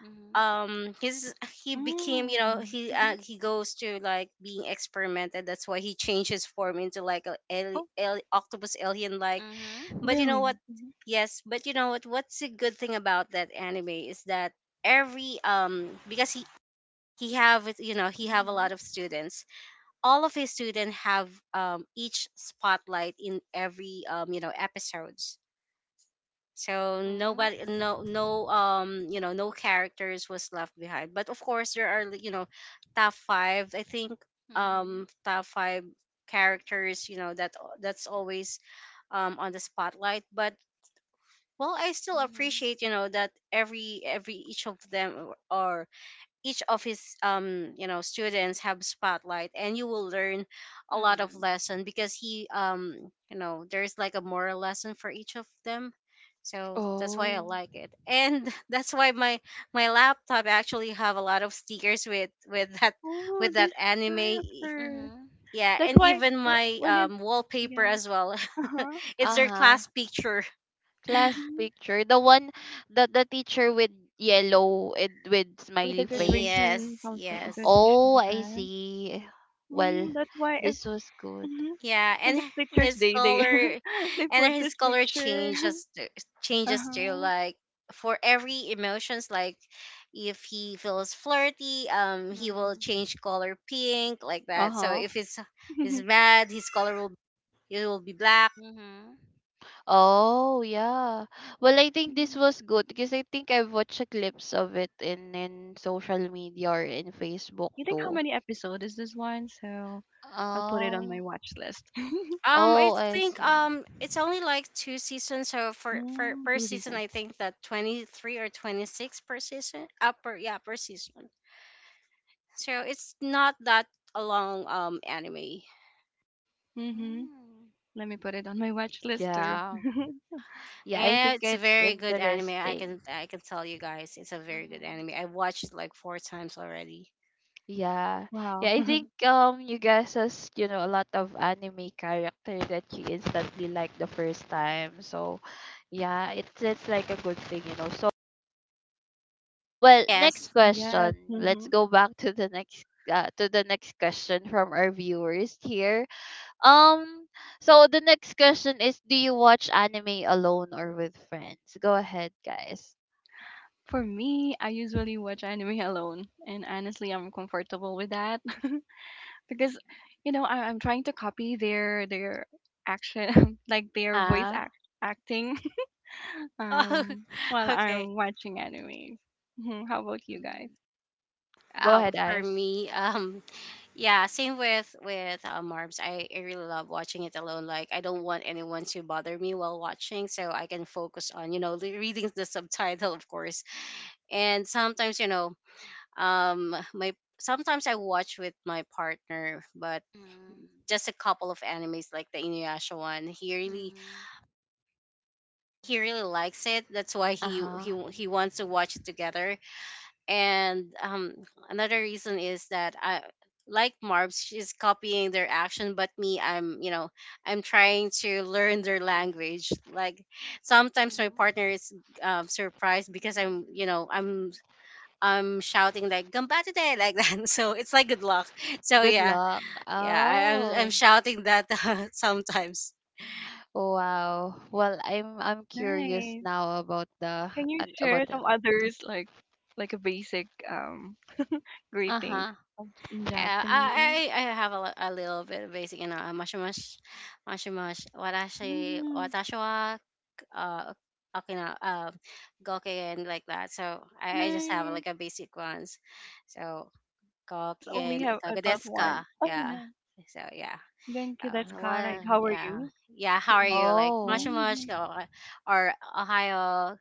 Mhm.
His He became,
Mm-hmm. Mm-hmm.
he goes to, like, being experimented, that's why he changed his form into, like, a
Oh,
octopus alien, like.
Mhm.
But you know
really?
what?
Mm-hmm.
Yes, but you know what's a good thing about that anime is that every because he have it- you know he have a
Mhm.
lot of students. All of his students have each spotlight in every episode, so
Mhm.
nobody no no you know no characters was left behind. But of course, there are, top five I think
Mhm.
top five characters, that's always on the spotlight. But, well, I still
Mhm.
appreciate, that every each of them are each of his students, have spotlight, and you will learn a lot of
Mhm.
lesson because he you know there's, like, a moral lesson for each of them, so that's why I
Oh.
like it. And that's why my laptop actually have a lot of stickers with with that
Oh,
with that
this
anime
character.
Mhm.
yeah,
That's
and
why
even my
wh- when it.
wallpaper
Yes.
as well.
Uh huh.
It's their
Uh-huh.
class picture.
Class
Mm-hmm.
picture. The one the teacher with yellow and with
With the
smiley face.
graduation
Yes,
something,
yes.
Oh,
graduation
I
dress.
see. Well,
Mm, that's why if
this was good.
Mhm.
Yeah,
When it's
and
Teacher's
his
Day, they
color,
they
and
put
his
this
color
picture.
changes to-
Uh
changes to,
huh.
like, for every emotions. Like, if he feels flirty, he will
Mm.
change color pink, like that. So
Uh-huh.
if he's mad, his color will it will be black.
Mm-hmm. Oh, yeah. Well, I think this was good because I think I've watched a glimpse of it in social media or in Facebook
You think how
too.
many episode is this one? So I'll put it on my
Oh.
watch list.
I
Oh, I
think
see.
it's only like two seasons. So for
Mm,
per
two
season,
seasons.
I think that 23 or 26 per season. Per, yeah, per season. So it's not that a long anime.
Mm-hmm.
Mm.
Let me put it on my watch list too.
Yeah. Yeah, I
Yeah,
think
it's
it's
very good anime. I
interesting.
can I can tell you guys, it's a very good
Mm-hmm.
anime. I watched it like four times already.
Yeah. Yeah,
Wow.
I think you guys has, you know, a lot of anime character that you instantly like the first time. So yeah, it's like a good thing, you know. So well, next
Yes.
Yes.
question.
Mm-hmm.
Let's go back to the next question from our viewers here. Um so the next question is, do you watch anime alone or with friends? Go ahead, guys.
For me, I usually watch anime alone, and honestly, I'm comfortable with that because, you know, I'm trying to copy their action, like their voice
Uh-huh.
act acting.
Oh,
While
okay.
I'm watching anime. Mhm. How about you guys?
Mhm. Go ahead,
For
guys.
me, yeah, same with Marbs. I really love watching it alone. Like, I don't want anyone to bother me while watching, so I can focus on, reading the subtitle, of course. And sometimes, my sometimes I watch with my partner, but
Mhm.
just a couple of animes like the Inuyasha one. He really
Mhm.
he really likes it. That's why he
Uh-huh.
he he wants to watch it together. And another reason is that I, like Marbs, she's copying their action, but me, I'm trying to learn their
Mhm.
language. Like sometimes my
Mhm.
partner is surprised because I'm you know I'm shouting like "Gamba," like that. So it's like good luck. So
Good
yeah,
luck.
yeah, I'm
Oh,
shouting that sometimes.
wow. Well, I'm curious
Nice.
now about the
Can you share
about the
some others like a basic greetings
uh-huh.
of- in
Uh,
Japanese?
I I I have a little bit of basic, mush mush, mush mush, watashi,
Mm-hmm.
uh Okina, Gokigen, like that. So I just have
Nice.
like a basic ones. So
I just only
Gokigen
have I thought
Ikagodeska.
one. Oh,
Yeah.
nice.
So yeah.
Genki
Oh,
desu ka? Right.
well,
How are
yeah.
you?
Yeah, how are you? Like much
Oh,
much.
Mm-hmm.
Or Ohio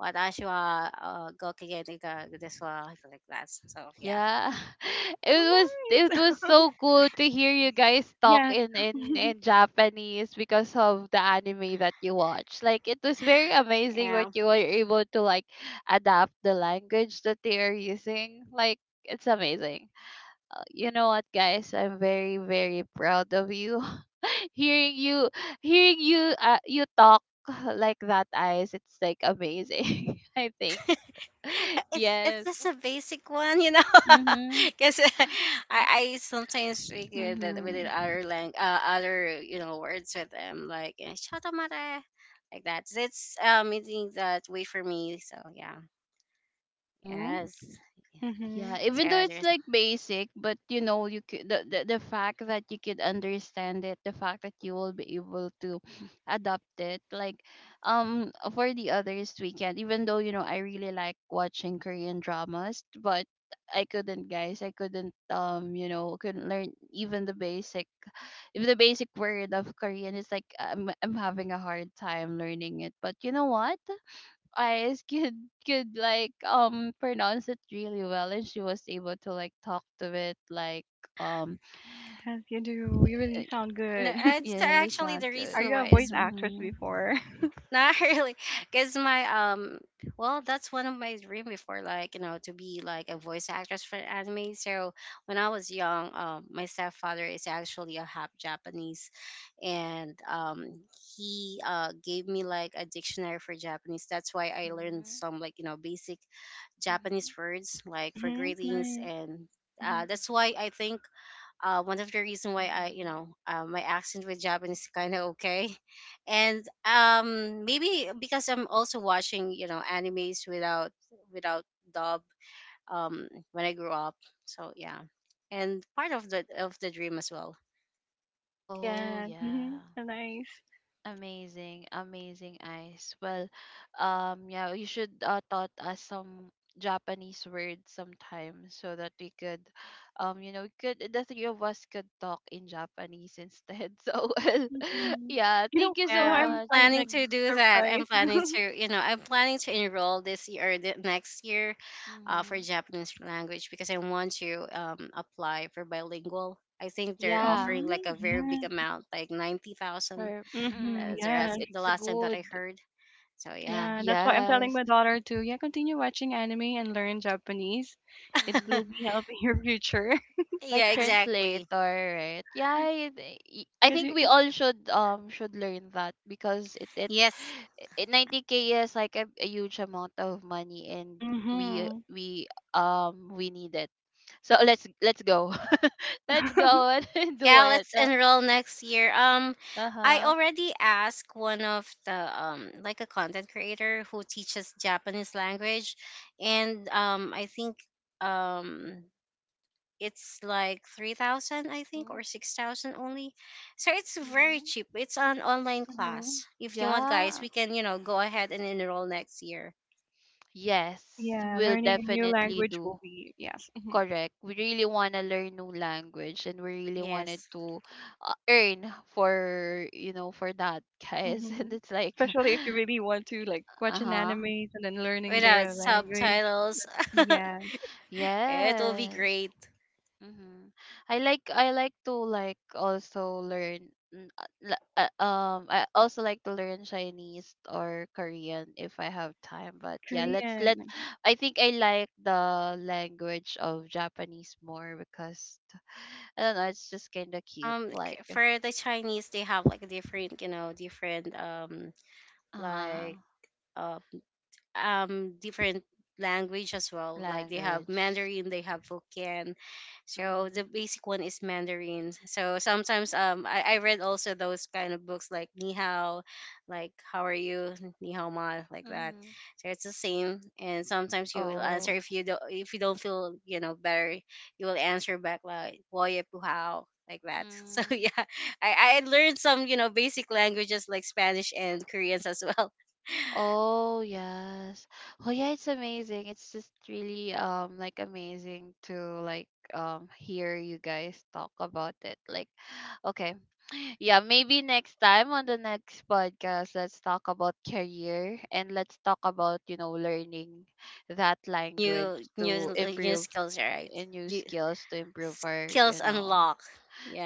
watashi wa, Gokigen Ikagodeska, like that. So yeah.
yeah.
Oh,
It
nice.
was so cool to hear you guys talk
Yes.
in Japanese because of the anime that you watch. Like it was very amazing
Yeah.
that you were able to like adapt the language that they are using. Like it's amazing. Uh, you know what, guys, I'm very very proud of you hearing you hearing you you talk like that eyes, it's like amazing. I think
It's
yes.
just a basic one, you know,
Mhm.
because I sometimes figure that with the
Mhm.
other, you know, words with them like, eh, "Shotomare," like that. It's, meaning that wait for me. So yeah,
Mhm.
yes.
Mm-hmm.
Yeah, even though
Yeah. So
it's
there's
like basic, but you know, you could the fact that you could understand it, the fact that you will be able to adapt it. Like, for the others weekend, even though you know I really like watching Korean dramas, but I couldn't, guys. I couldn't, you know, couldn't learn even the basic word of Korean. It's like I'm having a hard time learning it. But you know what? Eyes could like pronounce it really well and she was able to like talk to it like um
Yes, you do. You really
it
sound
no,
good.
it
it's
really
actually
sound
the
Are
good.
reason
you a
why
voice
is
actress
Mhm.
before?
not really, because my well, that's one of my dream before, like, you know, to be like a voice actress for anime. So when I was young, my stepfather is actually a half Japanese, and he gave me like a dictionary for Japanese. That's why I learned
Mm-hmm.
some, like, you know, basic Japanese
Mm-hmm.
words like for
Mm-hmm.
greetings
Nice.
and. That's why I think one of the reason why I, you
Mm-hmm.
know, my accent with Japanese is kind of okay, and maybe because I'm also watching, you know, animes without without dub when I grew up. So yeah, and part of the dream as well.
Oh
Yeah. Mhm.
yeah.
Nice.
Amazing, amazing eyes. Well, yeah, you should taught us some Japanese words sometimes so that we could, you know, we could the three of us could talk in Japanese instead. So well,
Mhm.
yeah,
You know
thank you so
Yeah, I'm
much.
I'm,
planning
like,
to
Mm-hmm.
do that. I'm
surprised.
planning to, you know, I'm planning to enroll this year or the next year, for
Mm-hmm.
Japanese language because I want to, apply for bilingual. I think they're
Yeah,
offering like
Mhm.
a very big
Yeah.
amount, like 90,000.
for
Mhm.
mm,
That's
Yeah.
the
it's
last time that
good.
I heard. So, yeah.
Yeah, that's why I'm telling
Yes.
my daughter to, yeah, continue watching anime and learn Japanese. It will be
Mm-hmm.
helping your future.
Like
Yeah, exactly.
translator, right? Yeah, I
Cause
think
it
we all should learn that because
Yes.
90K is like a huge amount of money and we
Mhm.
we need it. So let's go let's go
Mhm.
and do
Yeah,
it.
let's enroll next year. I
Uh-huh.
already asked one of the like a content creator who teaches Japanese language, and I think um it's like 3,000 I think,
Mm-hmm.
or 6,000 only, so it's very
Mm-hmm.
cheap. It's an online class. If you want, guys,
Yeah,
we can, you know, go ahead and enroll next year.
Oh,
yes,
yeah,
we'll
learning a new
definitely
language
do.
will be yes. Mhm.
Correct. We really want to learn new language and we really wanted
Yes,
to earn for, you know, for that, guys. And
Mhm.
it's like,
Especially if you really want to, like, watch an
uh-huh.
anime and then learning
without
their
hmm
language.
subtitles,
That's yeah,
it will be
Yes.
great.
Mm-hmm. I like to like also learn I also like to learn Chinese or Korean if I have time, but yeah, let's
Korean.
let
Mm-hmm.
I think I like the language of Japanese more because I don't know. It's just kind of cute, like
For the Chinese, they have like different, you know, different
uh
like, uh, different language as well. Like they have
language.
Mandarin, they have Hokkien. So the
Mhm.
basic one is Mandarin. So sometimes I read also those kind of books like Ni Hao, like how are you, Ni Hao Ma, like that.
Mhm.
So it's the same. And sometimes you will answer
Oh.
if you don't feel, you know, better, you will answer back like Woye Pu Hao, like that. So
Mm.
yeah. I learned some, you know, basic languages like Spanish and Koreans as well.
Oh yes. Oh yeah, it's amazing. It's just really like amazing to like hear you guys talk about it. Like okay, yeah, maybe next time on the next podcast, let's talk about career and let's talk about, you know, learning that language
New,
to
new
improve
skills, right.
and new
You,
skills to improve our,
skills
you know,
unlock.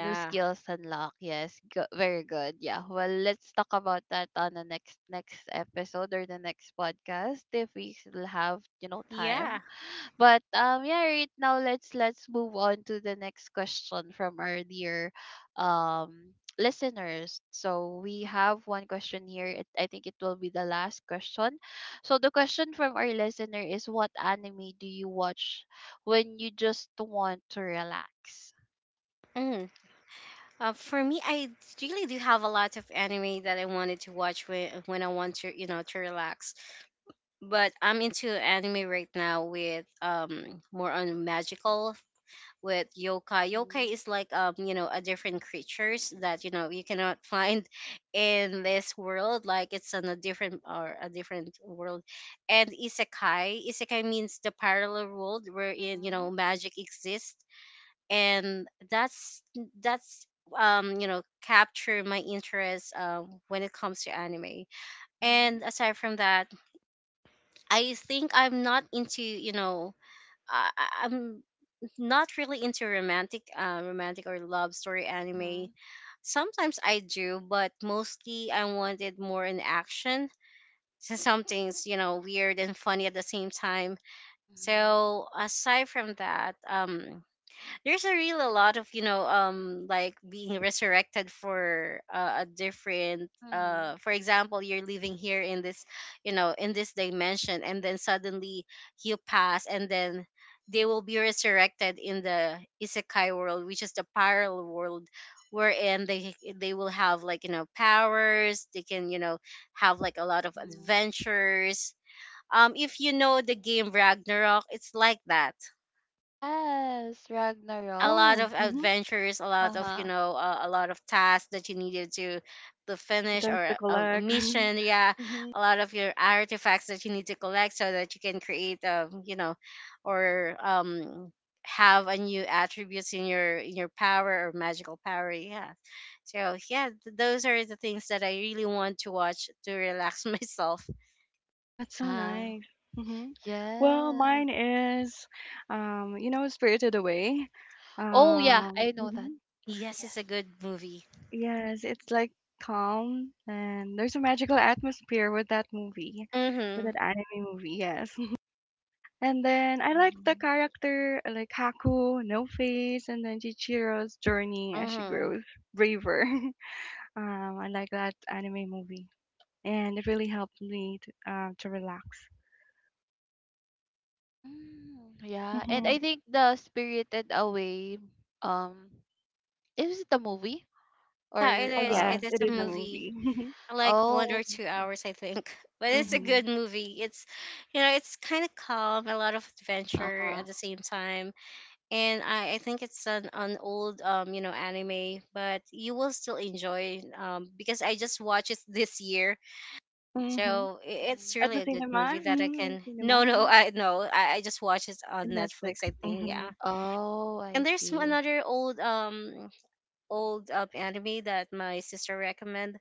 new skills unlock. Yes, go- very good. Yeah. Well, let's talk about that on the next next episode or the next podcast if we still have, you know,
yeah.
time. But yeah, right now let's move on to the next question from our dear listeners. So we have one question here. It, I think it will be the last question. So the question from our listener is, what anime do you watch when you just want to relax?
Mm. For me, I really do have a lot of anime that I wanted to watch when I want to, you know, to relax, but I'm into anime right now with more on magical, with yokai. Yokai
Mm-hmm.
is like, you know, a different creatures that, you know, you cannot find in this world. Like it's on a different world. And isekai, isekai means the parallel world wherein, you know, magic exists. And that's you know, capture my interest when it comes to anime.
Mm-hmm.
And aside from that, I think I'm not into, you know, I'm not really into romantic or love story anime.
Mm-hmm.
Sometimes I do, but mostly I wanted more in action. So something's, you know, weird and funny at the same time.
Mm-hmm. Mm-hmm.
So aside from that, there's a real a lot of, you know, like being resurrected for, a different, for
Mm-hmm.
example, you're living here in this, you know, in this dimension, and then suddenly you pass, and then they will be resurrected in the isekai world, which is the parallel world wherein they will have, like, you know, powers, they can, you know, have like a lot of
Mm-hmm.
adventures. If you know the game Ragnarok, it's like that.
Yes,
A
Ragnarok.
lot
Oh,
of
mhm.
adventures, a lot of, you
Uh-huh.
know, a lot of tasks that you needed to finish,
Items to
or a
collect.
mission. Yeah,
Mhm.
a lot of your artifacts that you need to collect so that you can create, you know, or have a new attributes in your power or magical power. Yeah. So yeah, those are the things that I really want to watch to relax myself.
That's so
Uh-huh.
nice. Hmm. Well,
Yes.
mine is, you know, Spirited Away.
Oh, yeah, I know that.
Mhm.
Yes, it's a
Yes.
good movie.
Yes, it's like calm and there's a magical atmosphere with that movie, with
Mhm.
that
Mhm.
anime movie, yes. And then I like the character, like Haku, No Face, and then Chichiro's journey as she
Mhm.
grows braver. I like that anime movie. And it really helped me to relax.
Mm, yeah, and I
Hmm.
think the Spirited Away, um, is it a movie
Yeah, it
or
Oh
is.
a
yes,
It is
it
a
is a
series?
movie.
movie.
Like one
Oh,
or two
okay.
hours I think, but it's a
Mm-hmm.
good
Hmm.
movie. It's, you know, it's kind of calm, a lot of adventure
Uh-huh.
at the same time. And I think it's an old, you know, anime, but you will still enjoy because I just watched it this year.
Hmm.
So it's
At
really
the
a
Mm-hmm.
good movie
cinema,
that I
hmm the
can.
cinema,
no no
mhm.
I no I, I just watched it on
In Netflix.
netflix, I think.
Hmm.
Yeah.
Oh, I
And there's
see.
another old, anime that my sister recommend,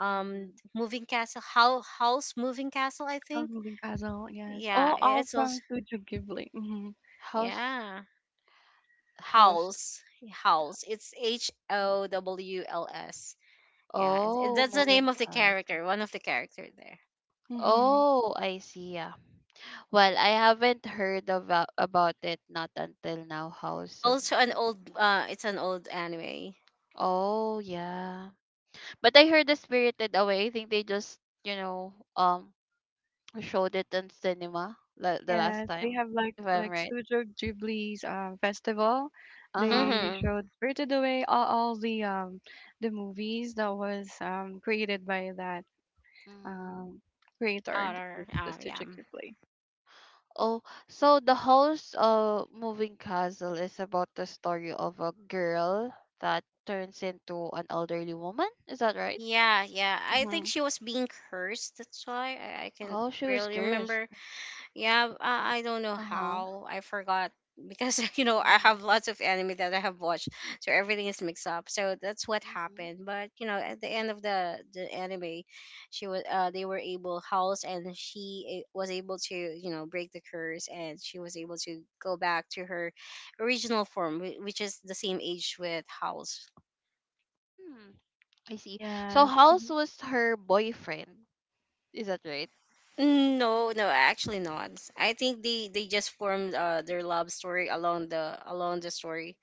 Mm-hmm.
moving castle, how house moving castle, I
House
think.
Moving Castle, yes.
Yeah,
Mm-hmm.
All
it's also,
from Studio Ghibli. Hmm.
House,
yeah,
house.
house, house. It's h
uh,
o w l s. Yeah,
Oh,
that's the name
moving
of the
house.
character, one of the character there.
Hmm.
Oh, I see. Yeah. Well, I haven't heard about it not until now. House of
Also an old, it's an old anime.
Oh, yeah. But I heard the Spirited Away. I think they just, you know, showed it in cinema the last
Yes, they
time,
have
if I'm
like
right.
Studio Ghibli's festival.
Uh-huh.
They
Mm-hmm.
showed Spirited Away, all the movies that was created by that
Mm.
um creator,
Otter,
the
oh yeah.
Studio Ghibli.
Oh, so the House of Moving Castle is about the story of a girl that turns into an elderly woman. Is that right?
Yeah, yeah, I
Mm-hmm.
think she was being cursed, that's why I can
Oh, she was
really
cursed.
remember. Yeah, I don't know
Uh-huh.
how. I forgot because you know, I have lots
Mm-hmm.
of anime that I have watched, so everything is mixed up. So that's what
Mm-hmm.
happened. But you know, at the end of the anime, she was, they were able house and she was able to, you know, break the curse, and she was able to go back to her original form, which is the same age with house.
Hmm, I see. So
Yes.
House
Mhm.
was her boyfriend. Is that right?
Mm, no, no, actually not. I think they just formed their love story along the story.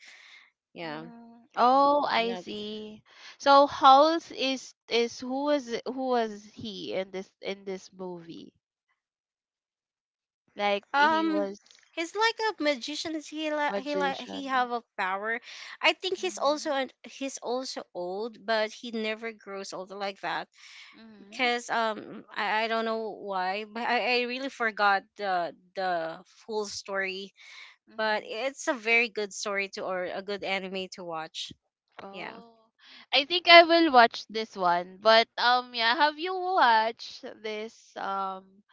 Yeah.
Mm, oh, I
No.
see. So Hulse is who was he in this movie? Like he
Um,
was
he's like a magician. He like he like
magician.
he have a power. I think he's also
Mm-hmm.
an, he's also old, but he never grows older like that.
Mm-hmm.
Cause I don't know why, but I really forgot the full story.
Mm-hmm.
But it's a very good story to, or a good anime to watch. Yeah.
Oh, I think I will watch this one. But yeah, have you watched this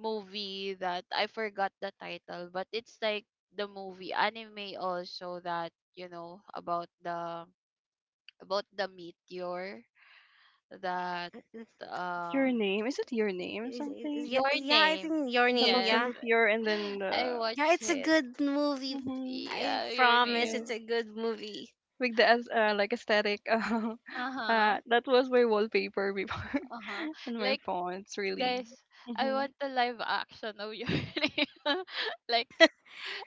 movie that I forgot the title, but it's like the movie anime also that you know about the meteor that
Your
um
name. Is it your name something?
Yeah,
your
yeah, I
name
think your
The-
name.
About the
yes.
Yeah,
meteor and then
I
the
yeah,
watched
it's a
it,
good movie.
mm-hmm.
I
yeah, your
promise,
with
it's
name.
a good movie.
with the as- like aesthetic.
Uh-huh.
That was my wallpaper before
Uh-huh.
and my
Like
phone. It's really
guys, I
mm-hmm.
want a live action of your name. Like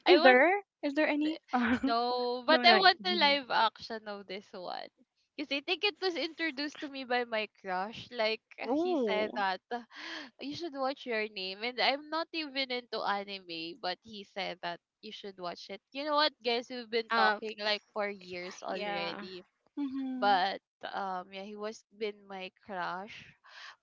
I
Is
want
there? Is there
Th-
any?
no, but
No,
I
not yet.
want a
Mhm.
live action of this one. Because I think it was introduced to me by my crush. Like, he said
Oh.
that, you should watch Your Name. And I'm not even into anime, but he said that you should watch it. You know what, guys? We've been
Uh,
talking like for years
Yeah.
already
Mm-hmm.
but yeah, he was been my crush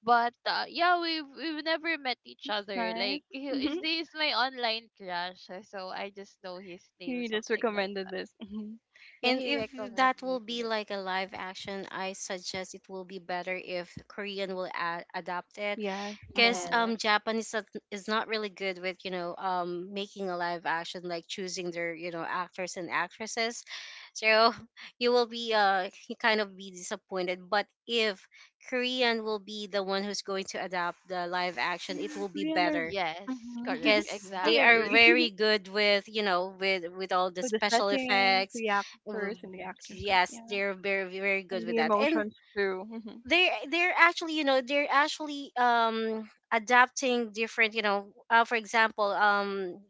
but yeah, we've never met each
That's
other,
nice.
like he is
Mm-hmm.
this my online crush, so I just know his name
You just
something like
recommended
that.
this. Mm-hmm.
Yeah,
And
he
if
recommended
that will
me
be
the-
like a live action, I suggest it will be better if Korean will adapt it,
Yes.
because
Mm-hmm.
yes
Japanese is not really good with, you know, making a live action, like choosing their, you know, actors and actresses. So you will be, you kind of be disappointed, but if Korean will be the one who's going to adapt the live action, it
Yeah,
will be
Korean are.
better,
yes
Mm-hmm.
correct
because
I
they are
exactly.
agree.
very good with, you know, with, all the
Like the
special
settings,
effects.
the actors
W-
and
Mm-hmm.
the actresses, yeah,
yes, they're very very good
and
with
the
that. And
emotions too. Hmm.
they're actually, you know, they're actually adapting different, you know, for example,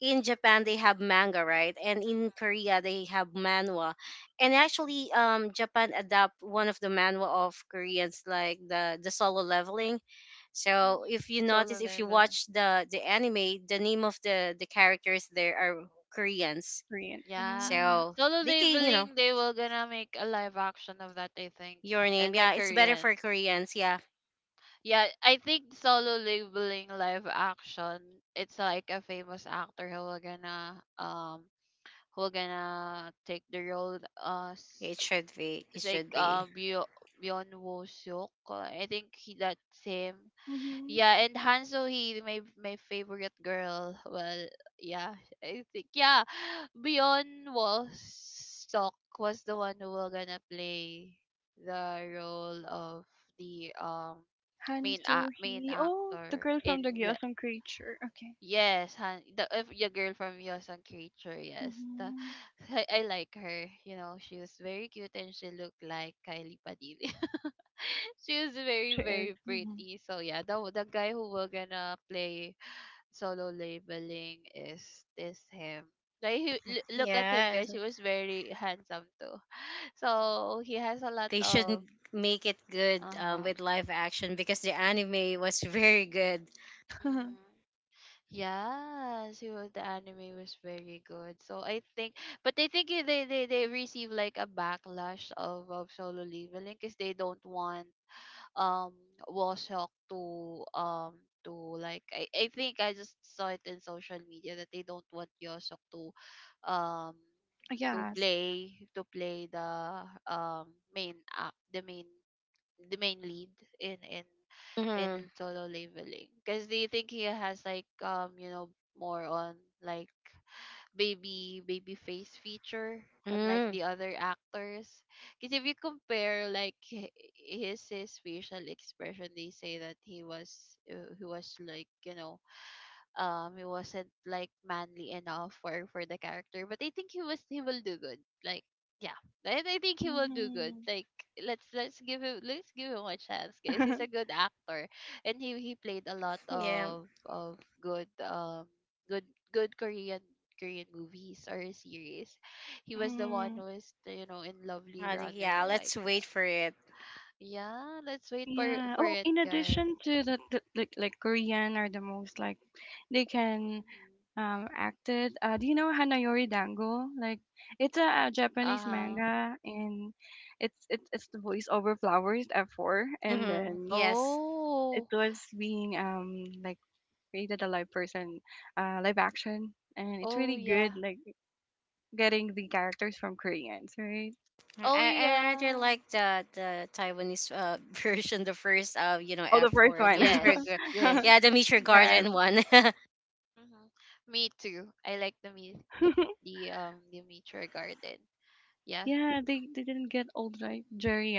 in Japan they have manga, right, and in Korea they have manhwa. And
Mm-hmm.
actually, Japan adapt one of the manhwa of Koreans, like the solo leveling. So
Mm-hmm.
if you
Solo
notice, if you
leveling,
watch the anime, the name of the characters there are Koreans.
Koreans.
yeah.
Mm.
So
Solo
they can, you know,
leveling, they were gonna make a live action of that, I think.
your name,
And a
yeah, it's better
Korean.
for Koreans. Yeah.
Yeah, I think Solo Labeling live action, it's like a famous actor who will gonna take the role
It should be. It
it's like
should be.
Byo Byun Woo Suk. I think he that's him.
Mm-hmm.
Yeah, and Hanzo, he my my favorite girl. Well, yeah, I think, yeah, Beyond Wallstock was the one who will gonna play the role of the
Han Soo
main
Hee. Oh, the
actor
girl from
in
the
like,
Gyeongsang Creature. Okay.
yes, Han, the if your girl from Yosan Creature, yes. The,
Mm-hmm.
I like her. You know, she was very cute and she looked like Kylie Padilla. She was very,
She is.
very
Mm-hmm.
pretty. So yeah, the guy who will gonna play Solo Labeling is this him. Like he, look at him,
Yeah,
guys. He was very handsome too. So he has a lot
they shouldn't
of
make it good,
uh huh.
with live action, because the anime was very good.
Yes, it was, the anime was very good. So I think, but I think they receive like a backlash of Solo Leveling because they don't want um Washock to like I think I just saw it in social media that they don't want Yosok um
Yes.
to play the main act the main lead in in
Mm-hmm.
in solo leveling, because they think he has like you know more on like baby baby face feature, unlike
Mm,
the other actors, because if you compare like his facial expression, they say that he was like, you know, he wasn't like manly enough for the character, but I think he was he will do good like yeah I think he will do good
Mm-hmm.
like let's give him, let's give him a chance, guys. He's a good actor and he played a lot
yeah.
of good good good Korean Korean movies or series. He was the one
mm-hmm.
who is, you know, in Lovely
Yeah,
Runner,
let's
like
wait for it.
yeah, let's wait
Yeah.
for
Oh,
it,
in
guys.
addition to that, the, like Korean are the most like they can acted. Do you know Hanayori Dango? Like it's a Japanese
Uh-huh.
manga, and it's the voice over flowers at four, and
Mm-hmm.
then
Yes.
it
Oh.
was being like created a live person, live action, and it's
Oh
really
yeah.
good. Like getting the characters from Koreans, right?
Oh
I rather
yeah.
like the Taiwanese, version, the first, you know,
Oh,
F
the first
four, the
one.
Meteor,
Yes.
Gar- yeah,
Yes.
the Meteor
Yes.
Garden one.
hmm Me too. I like the meat, meat the nature garden. Yeah.
Yeah, they didn't get old, right? Jerry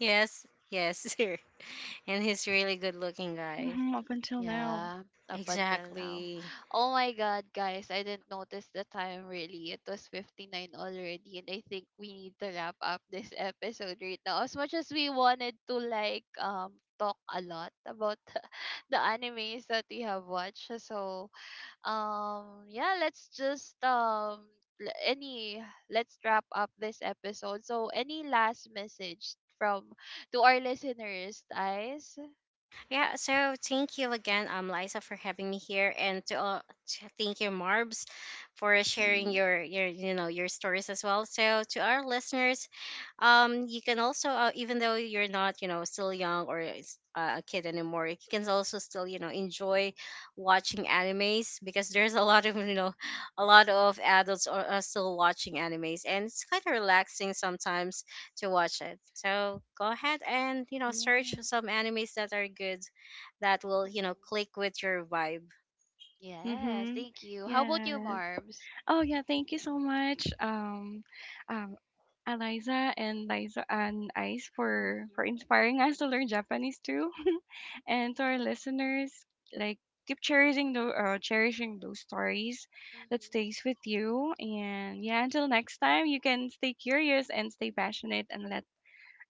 Yes, yes, and he's really good looking guy.
hmm up until now.
Yeah, up until now.
Exactly.
Oh my god, guys, I didn't notice the time really. It was 59 already and I think we need to wrap up this episode right now. As much as we wanted to like talk a lot about the animes that we have watched. So, yeah let's just l- any let's wrap up this episode so any last message from to our listeners, guys.
Yeah, so thank you again, Liza, for having me here, and to thank you, Marbs, for
Hmm.
sharing your, you know, your stories as well. So to our listeners, you can also, even though you're not, you know, still young or is, a kid anymore, you can also still, you know, enjoy watching animes because there's a lot of, you know, a lot of adults are still watching animes, and it's kind of relaxing sometimes to watch it. So go ahead and, you know, search
Yeah.
some animes that are good, that will, you know,
Mhm.
click with your vibe.
Yes,
Mm-hmm.
thank you. How about you,
Yes.
Marbs?
Oh yeah, thank you so much, um, Eliza and Liza and Ice for
Mm-hmm.
inspiring us to learn Japanese too, and to our listeners, like keep cherishing the cherishing those stories that
Mm-hmm.
stays with you. And yeah, until next time, you can stay curious and stay passionate and let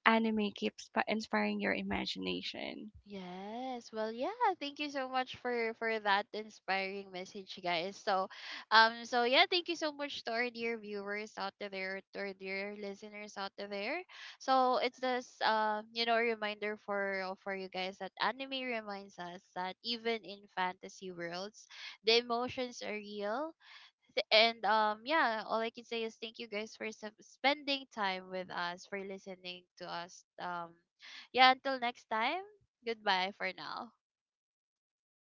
anime keeps pa- inspiring your imagination.
Yes. Well, yeah, thank you so much for that inspiring message, guys. So, so yeah, thank you so much to our dear viewers out there, to our dear listeners out there. So, it's this you know, reminder for you guys that anime reminds us that even in fantasy worlds, the emotions are real and yeah, all I can say is thank you guys for spending time with us, for listening to us. Yeah, until next time. Goodbye for now.